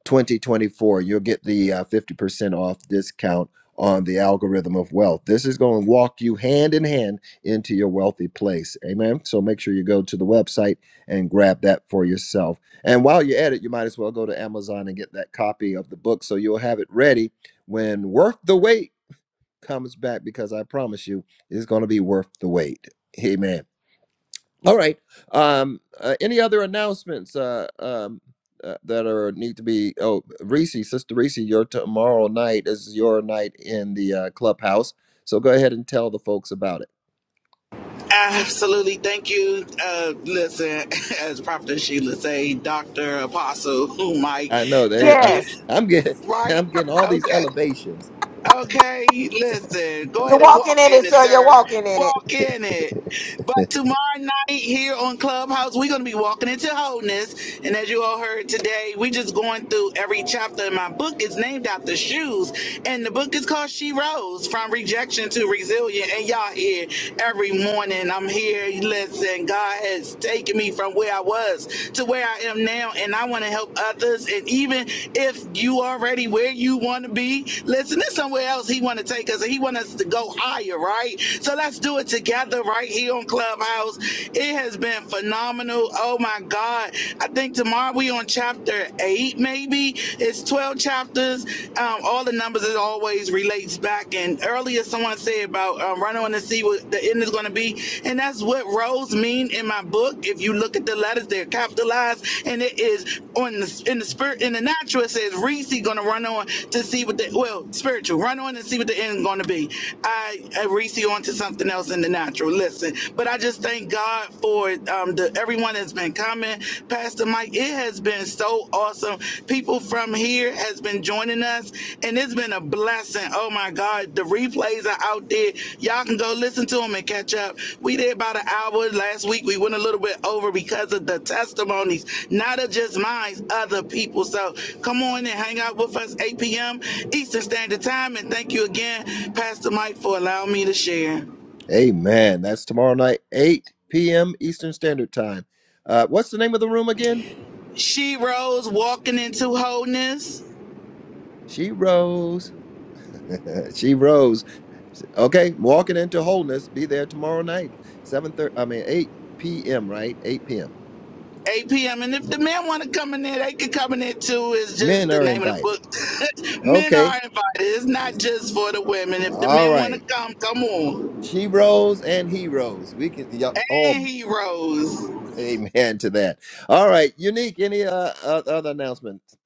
[SPEAKER 1] 2024 you'll get the uh, 50% off discount on the algorithm of wealth this is going to walk you hand in hand into your wealthy place amen so make sure you go to the website and grab that for yourself and while you're at it you might as well go to amazon and get that copy of the book so you'll have it ready when worth the wait comes back because i promise you it's going to be worth the wait amen all right. Um, uh, any other announcements uh, um, uh, that are need to be? Oh, Reese, Sister Reese, your tomorrow night is your night in the uh, clubhouse. So go ahead and tell the folks about it.
[SPEAKER 4] Absolutely. Thank you. Uh, listen, as Prophet Sheila say, Dr. Apostle who Mike,
[SPEAKER 1] I know they.
[SPEAKER 4] thank
[SPEAKER 1] Uh,
[SPEAKER 4] you.
[SPEAKER 2] Yes.
[SPEAKER 1] I'm getting.
[SPEAKER 4] Right?
[SPEAKER 1] I'm getting all these
[SPEAKER 4] Okay.
[SPEAKER 1] elevations.
[SPEAKER 4] Okay. Listen, go
[SPEAKER 2] You're
[SPEAKER 4] ahead and
[SPEAKER 2] walking
[SPEAKER 4] walk
[SPEAKER 2] in
[SPEAKER 4] in
[SPEAKER 2] it,
[SPEAKER 4] it,
[SPEAKER 2] sir. You're
[SPEAKER 4] sir.
[SPEAKER 2] walking in it.
[SPEAKER 4] Walk in it. But tomorrow night here on Clubhouse, we're going to be walking into wholeness. And as you all heard today, we just going through every chapter in my book. It's named after shoes. And the book is called She Rose From Rejection to Resilient. And y'all here every morning. I'm here. Listen, God has taken me from where I was to where I am now. And I want to help others. And even if you already where you want to be, listen, there's somewhere else He want to take us. And He want us to go higher, right? So let's do it together right here on Clubhouse. It has been phenomenal. Oh my God. I think tomorrow we on chapter eight, maybe. It's 12 chapters. Um, all the numbers as always relates back. And earlier someone said about um, running on to see what the end is going to be. And that's what rows mean in my book. If you look at the letters, they're capitalized. And it is on the, in the spirit, in the natural, it says Reese going to run on to see what the, well, spiritual, run on and see what the end is going to be. I, I Reese on to something else And in the natural. Listen, but I just thank God for um, the everyone that's been coming. Pastor Mike, it has been so awesome. People from here has been joining us, and it's been a blessing. Oh my God, the replays are out there. Y'all can go listen to them and catch up. We did about an hour last week. We went a little bit over because of the testimonies, not of just mine, other people. So come on and hang out with us 8 p.m. Eastern Standard Time, and thank you again, Pastor Mike, for allowing me to share.
[SPEAKER 1] Amen. That's tomorrow night, 8 p.m. Eastern Standard Time. Uh, what's the name of the room again?
[SPEAKER 4] She Rose walking into wholeness.
[SPEAKER 1] She rose. she rose. Okay, walking into wholeness. Be there tomorrow night, seven thirty. I mean, eight p.m. Right, eight p.m.
[SPEAKER 4] 8 p.m. And if the men want to come in there, they can come in there too. It's just
[SPEAKER 1] Men
[SPEAKER 4] the
[SPEAKER 1] are
[SPEAKER 4] name of the
[SPEAKER 1] invited.
[SPEAKER 4] book. men are
[SPEAKER 1] Okay,
[SPEAKER 4] invited. It's not just for the women. If the
[SPEAKER 1] all
[SPEAKER 4] men want to
[SPEAKER 1] right.
[SPEAKER 4] come, come on.
[SPEAKER 1] She rose and he rose. We can yep, all
[SPEAKER 4] And he rose.
[SPEAKER 1] amen to that. All right, unique. Any uh, uh, other announcements?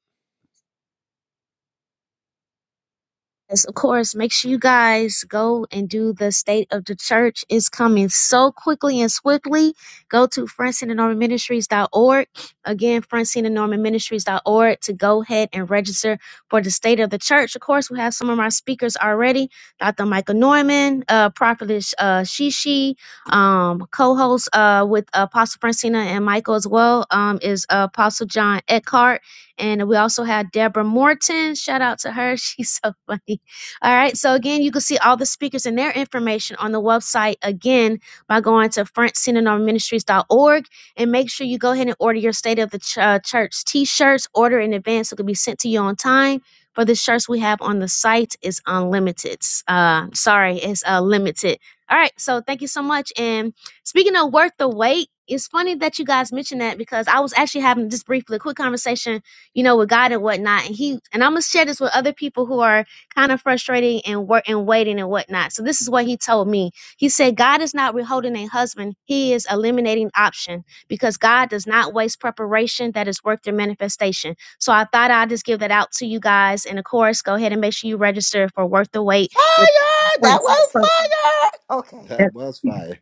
[SPEAKER 8] Yes, of course. Make sure you guys go and do the state of the church It's coming so quickly and swiftly. Go to Francine and Norman Ministries.org. Again, Francine and Norman Ministries.org to go ahead and register for the state of the church. Of course, we have some of our speakers already. Dr. Michael Norman, uh, Prophetess uh, Shishi, um, co-host uh, with Apostle Francina and Michael as well um, is Apostle John Eckhart. And we also have Deborah Morton. Shout out to her. She's so funny. All right. So again, you can see all the speakers and their information on the website again by going to frontsynonorministries.org and make sure you go ahead and order your State of the Ch- uh, Church t-shirts. Order in advance so it can be sent to you on time. For the shirts we have on the site is unlimited. Uh, sorry, it's uh, limited. All right. So thank you so much. And speaking of worth the wait, it's funny that you guys mentioned that because I was actually having just briefly a quick conversation, you know, with God and whatnot. And he and I'm gonna share this with other people who are kind of frustrating and work and waiting and whatnot. So this is what he told me. He said God is not withholding a husband; He is eliminating option because God does not waste preparation that is worth their manifestation. So I thought I'd just give that out to you guys. And of course, go ahead and make sure you register for Worth the Wait with
[SPEAKER 2] Fire! That
[SPEAKER 8] Prince.
[SPEAKER 2] was fire! Okay.
[SPEAKER 1] That was fire,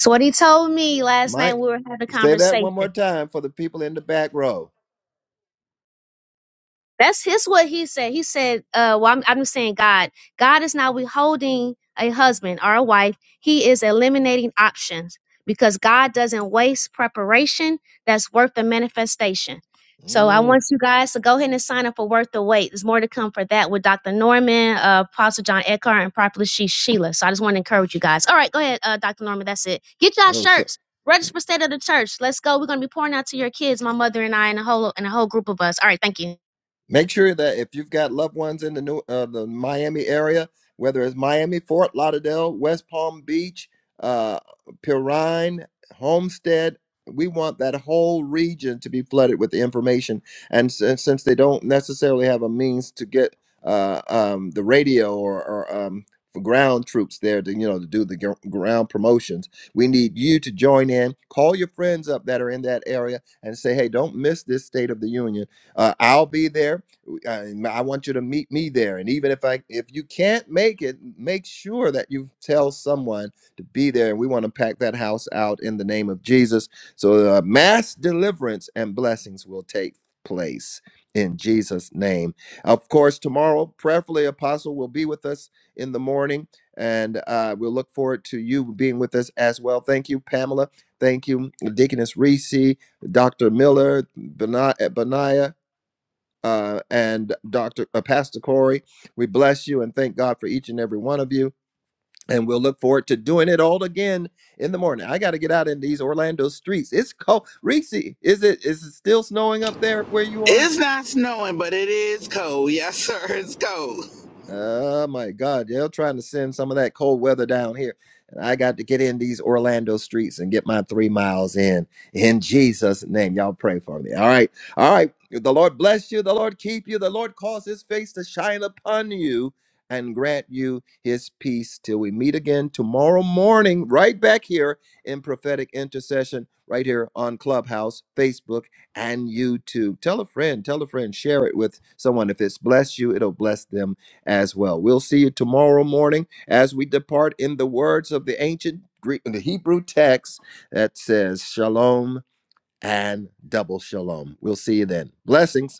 [SPEAKER 8] So what he told me last night,
[SPEAKER 1] Mike.
[SPEAKER 8] we were having a
[SPEAKER 1] Say that one
[SPEAKER 8] conversation.
[SPEAKER 1] more time for the people in the back row.
[SPEAKER 8] That's his what he said. He said, uh, well, I'm, I'm just saying God. God is not withholding a husband or a wife. He is eliminating options because God doesn't waste preparation that's worth the manifestation. So I
[SPEAKER 1] Mm.
[SPEAKER 8] want you guys to go ahead and sign up for Worth the Wait. There's more to come for that with Dr. Norman, uh, Apostle John Eckhart, and Prophet She- Sheila. So I just want to encourage you guys. All right, go ahead, uh, Dr. Norman. That's it. Get y'all
[SPEAKER 1] oh,
[SPEAKER 8] shirts. Register for State of the Church. Let's go. We're gonna be pouring out to your kids, my mother and I, and a whole and a whole group of us. All right, thank you.
[SPEAKER 1] Make sure that if you've got loved ones in the new uh, the Miami area, whether it's Miami, Fort Lauderdale, West Palm Beach, uh, Pirine, Homestead, we want that whole region to be flooded with the information. And since, since they don't necessarily have a means to get uh, um, the radio or, or um, for ground troops there to you know to do the gr- ground promotions, we need you to join in. Call your friends up that are in that area and say, hey, don't miss this State of the Union uh, I'll be there. Uh, I want you to meet me there. And even if I, if you can't make it, make sure that you tell someone to be there. We want to pack that house out in the name of Jesus, so uh, mass deliverance and blessings will take place in Jesus' name. Of course, tomorrow, prayerfully, Apostle will be with us in the morning, and uh, we'll look forward to you being with us as well. Thank you, Pamela. Thank you, Deaconess Reese, Dr. Miller, Benaiah uh, and Dr. Uh, Pastor Corey. We bless you and thank God for each and every one of you. And we'll look forward to doing it all again in the morning. I got to get out in these Orlando streets. It's cold. Reese, is it is it still snowing up there where you are?
[SPEAKER 4] It's not snowing, but it is cold. Yes, sir. It's cold.
[SPEAKER 1] Oh my God, they're trying to send some of that cold weather down here. And I got to get in these Orlando streets and get my three miles in. In Jesus' name, y'all pray for me. All right. All right. The Lord bless you. The Lord keep you. The Lord cause his face to shine upon you and grant you his peace till we meet again tomorrow morning, right back here in prophetic intercession, right here on Clubhouse, Facebook, and YouTube. Tell a friend, tell a friend, share it with someone. If it's blessed you, it'll bless them as well. We'll see you tomorrow morning as we depart in the words of the ancient Greek, the Hebrew text that says shalom and double shalom. We'll see you then. Blessings.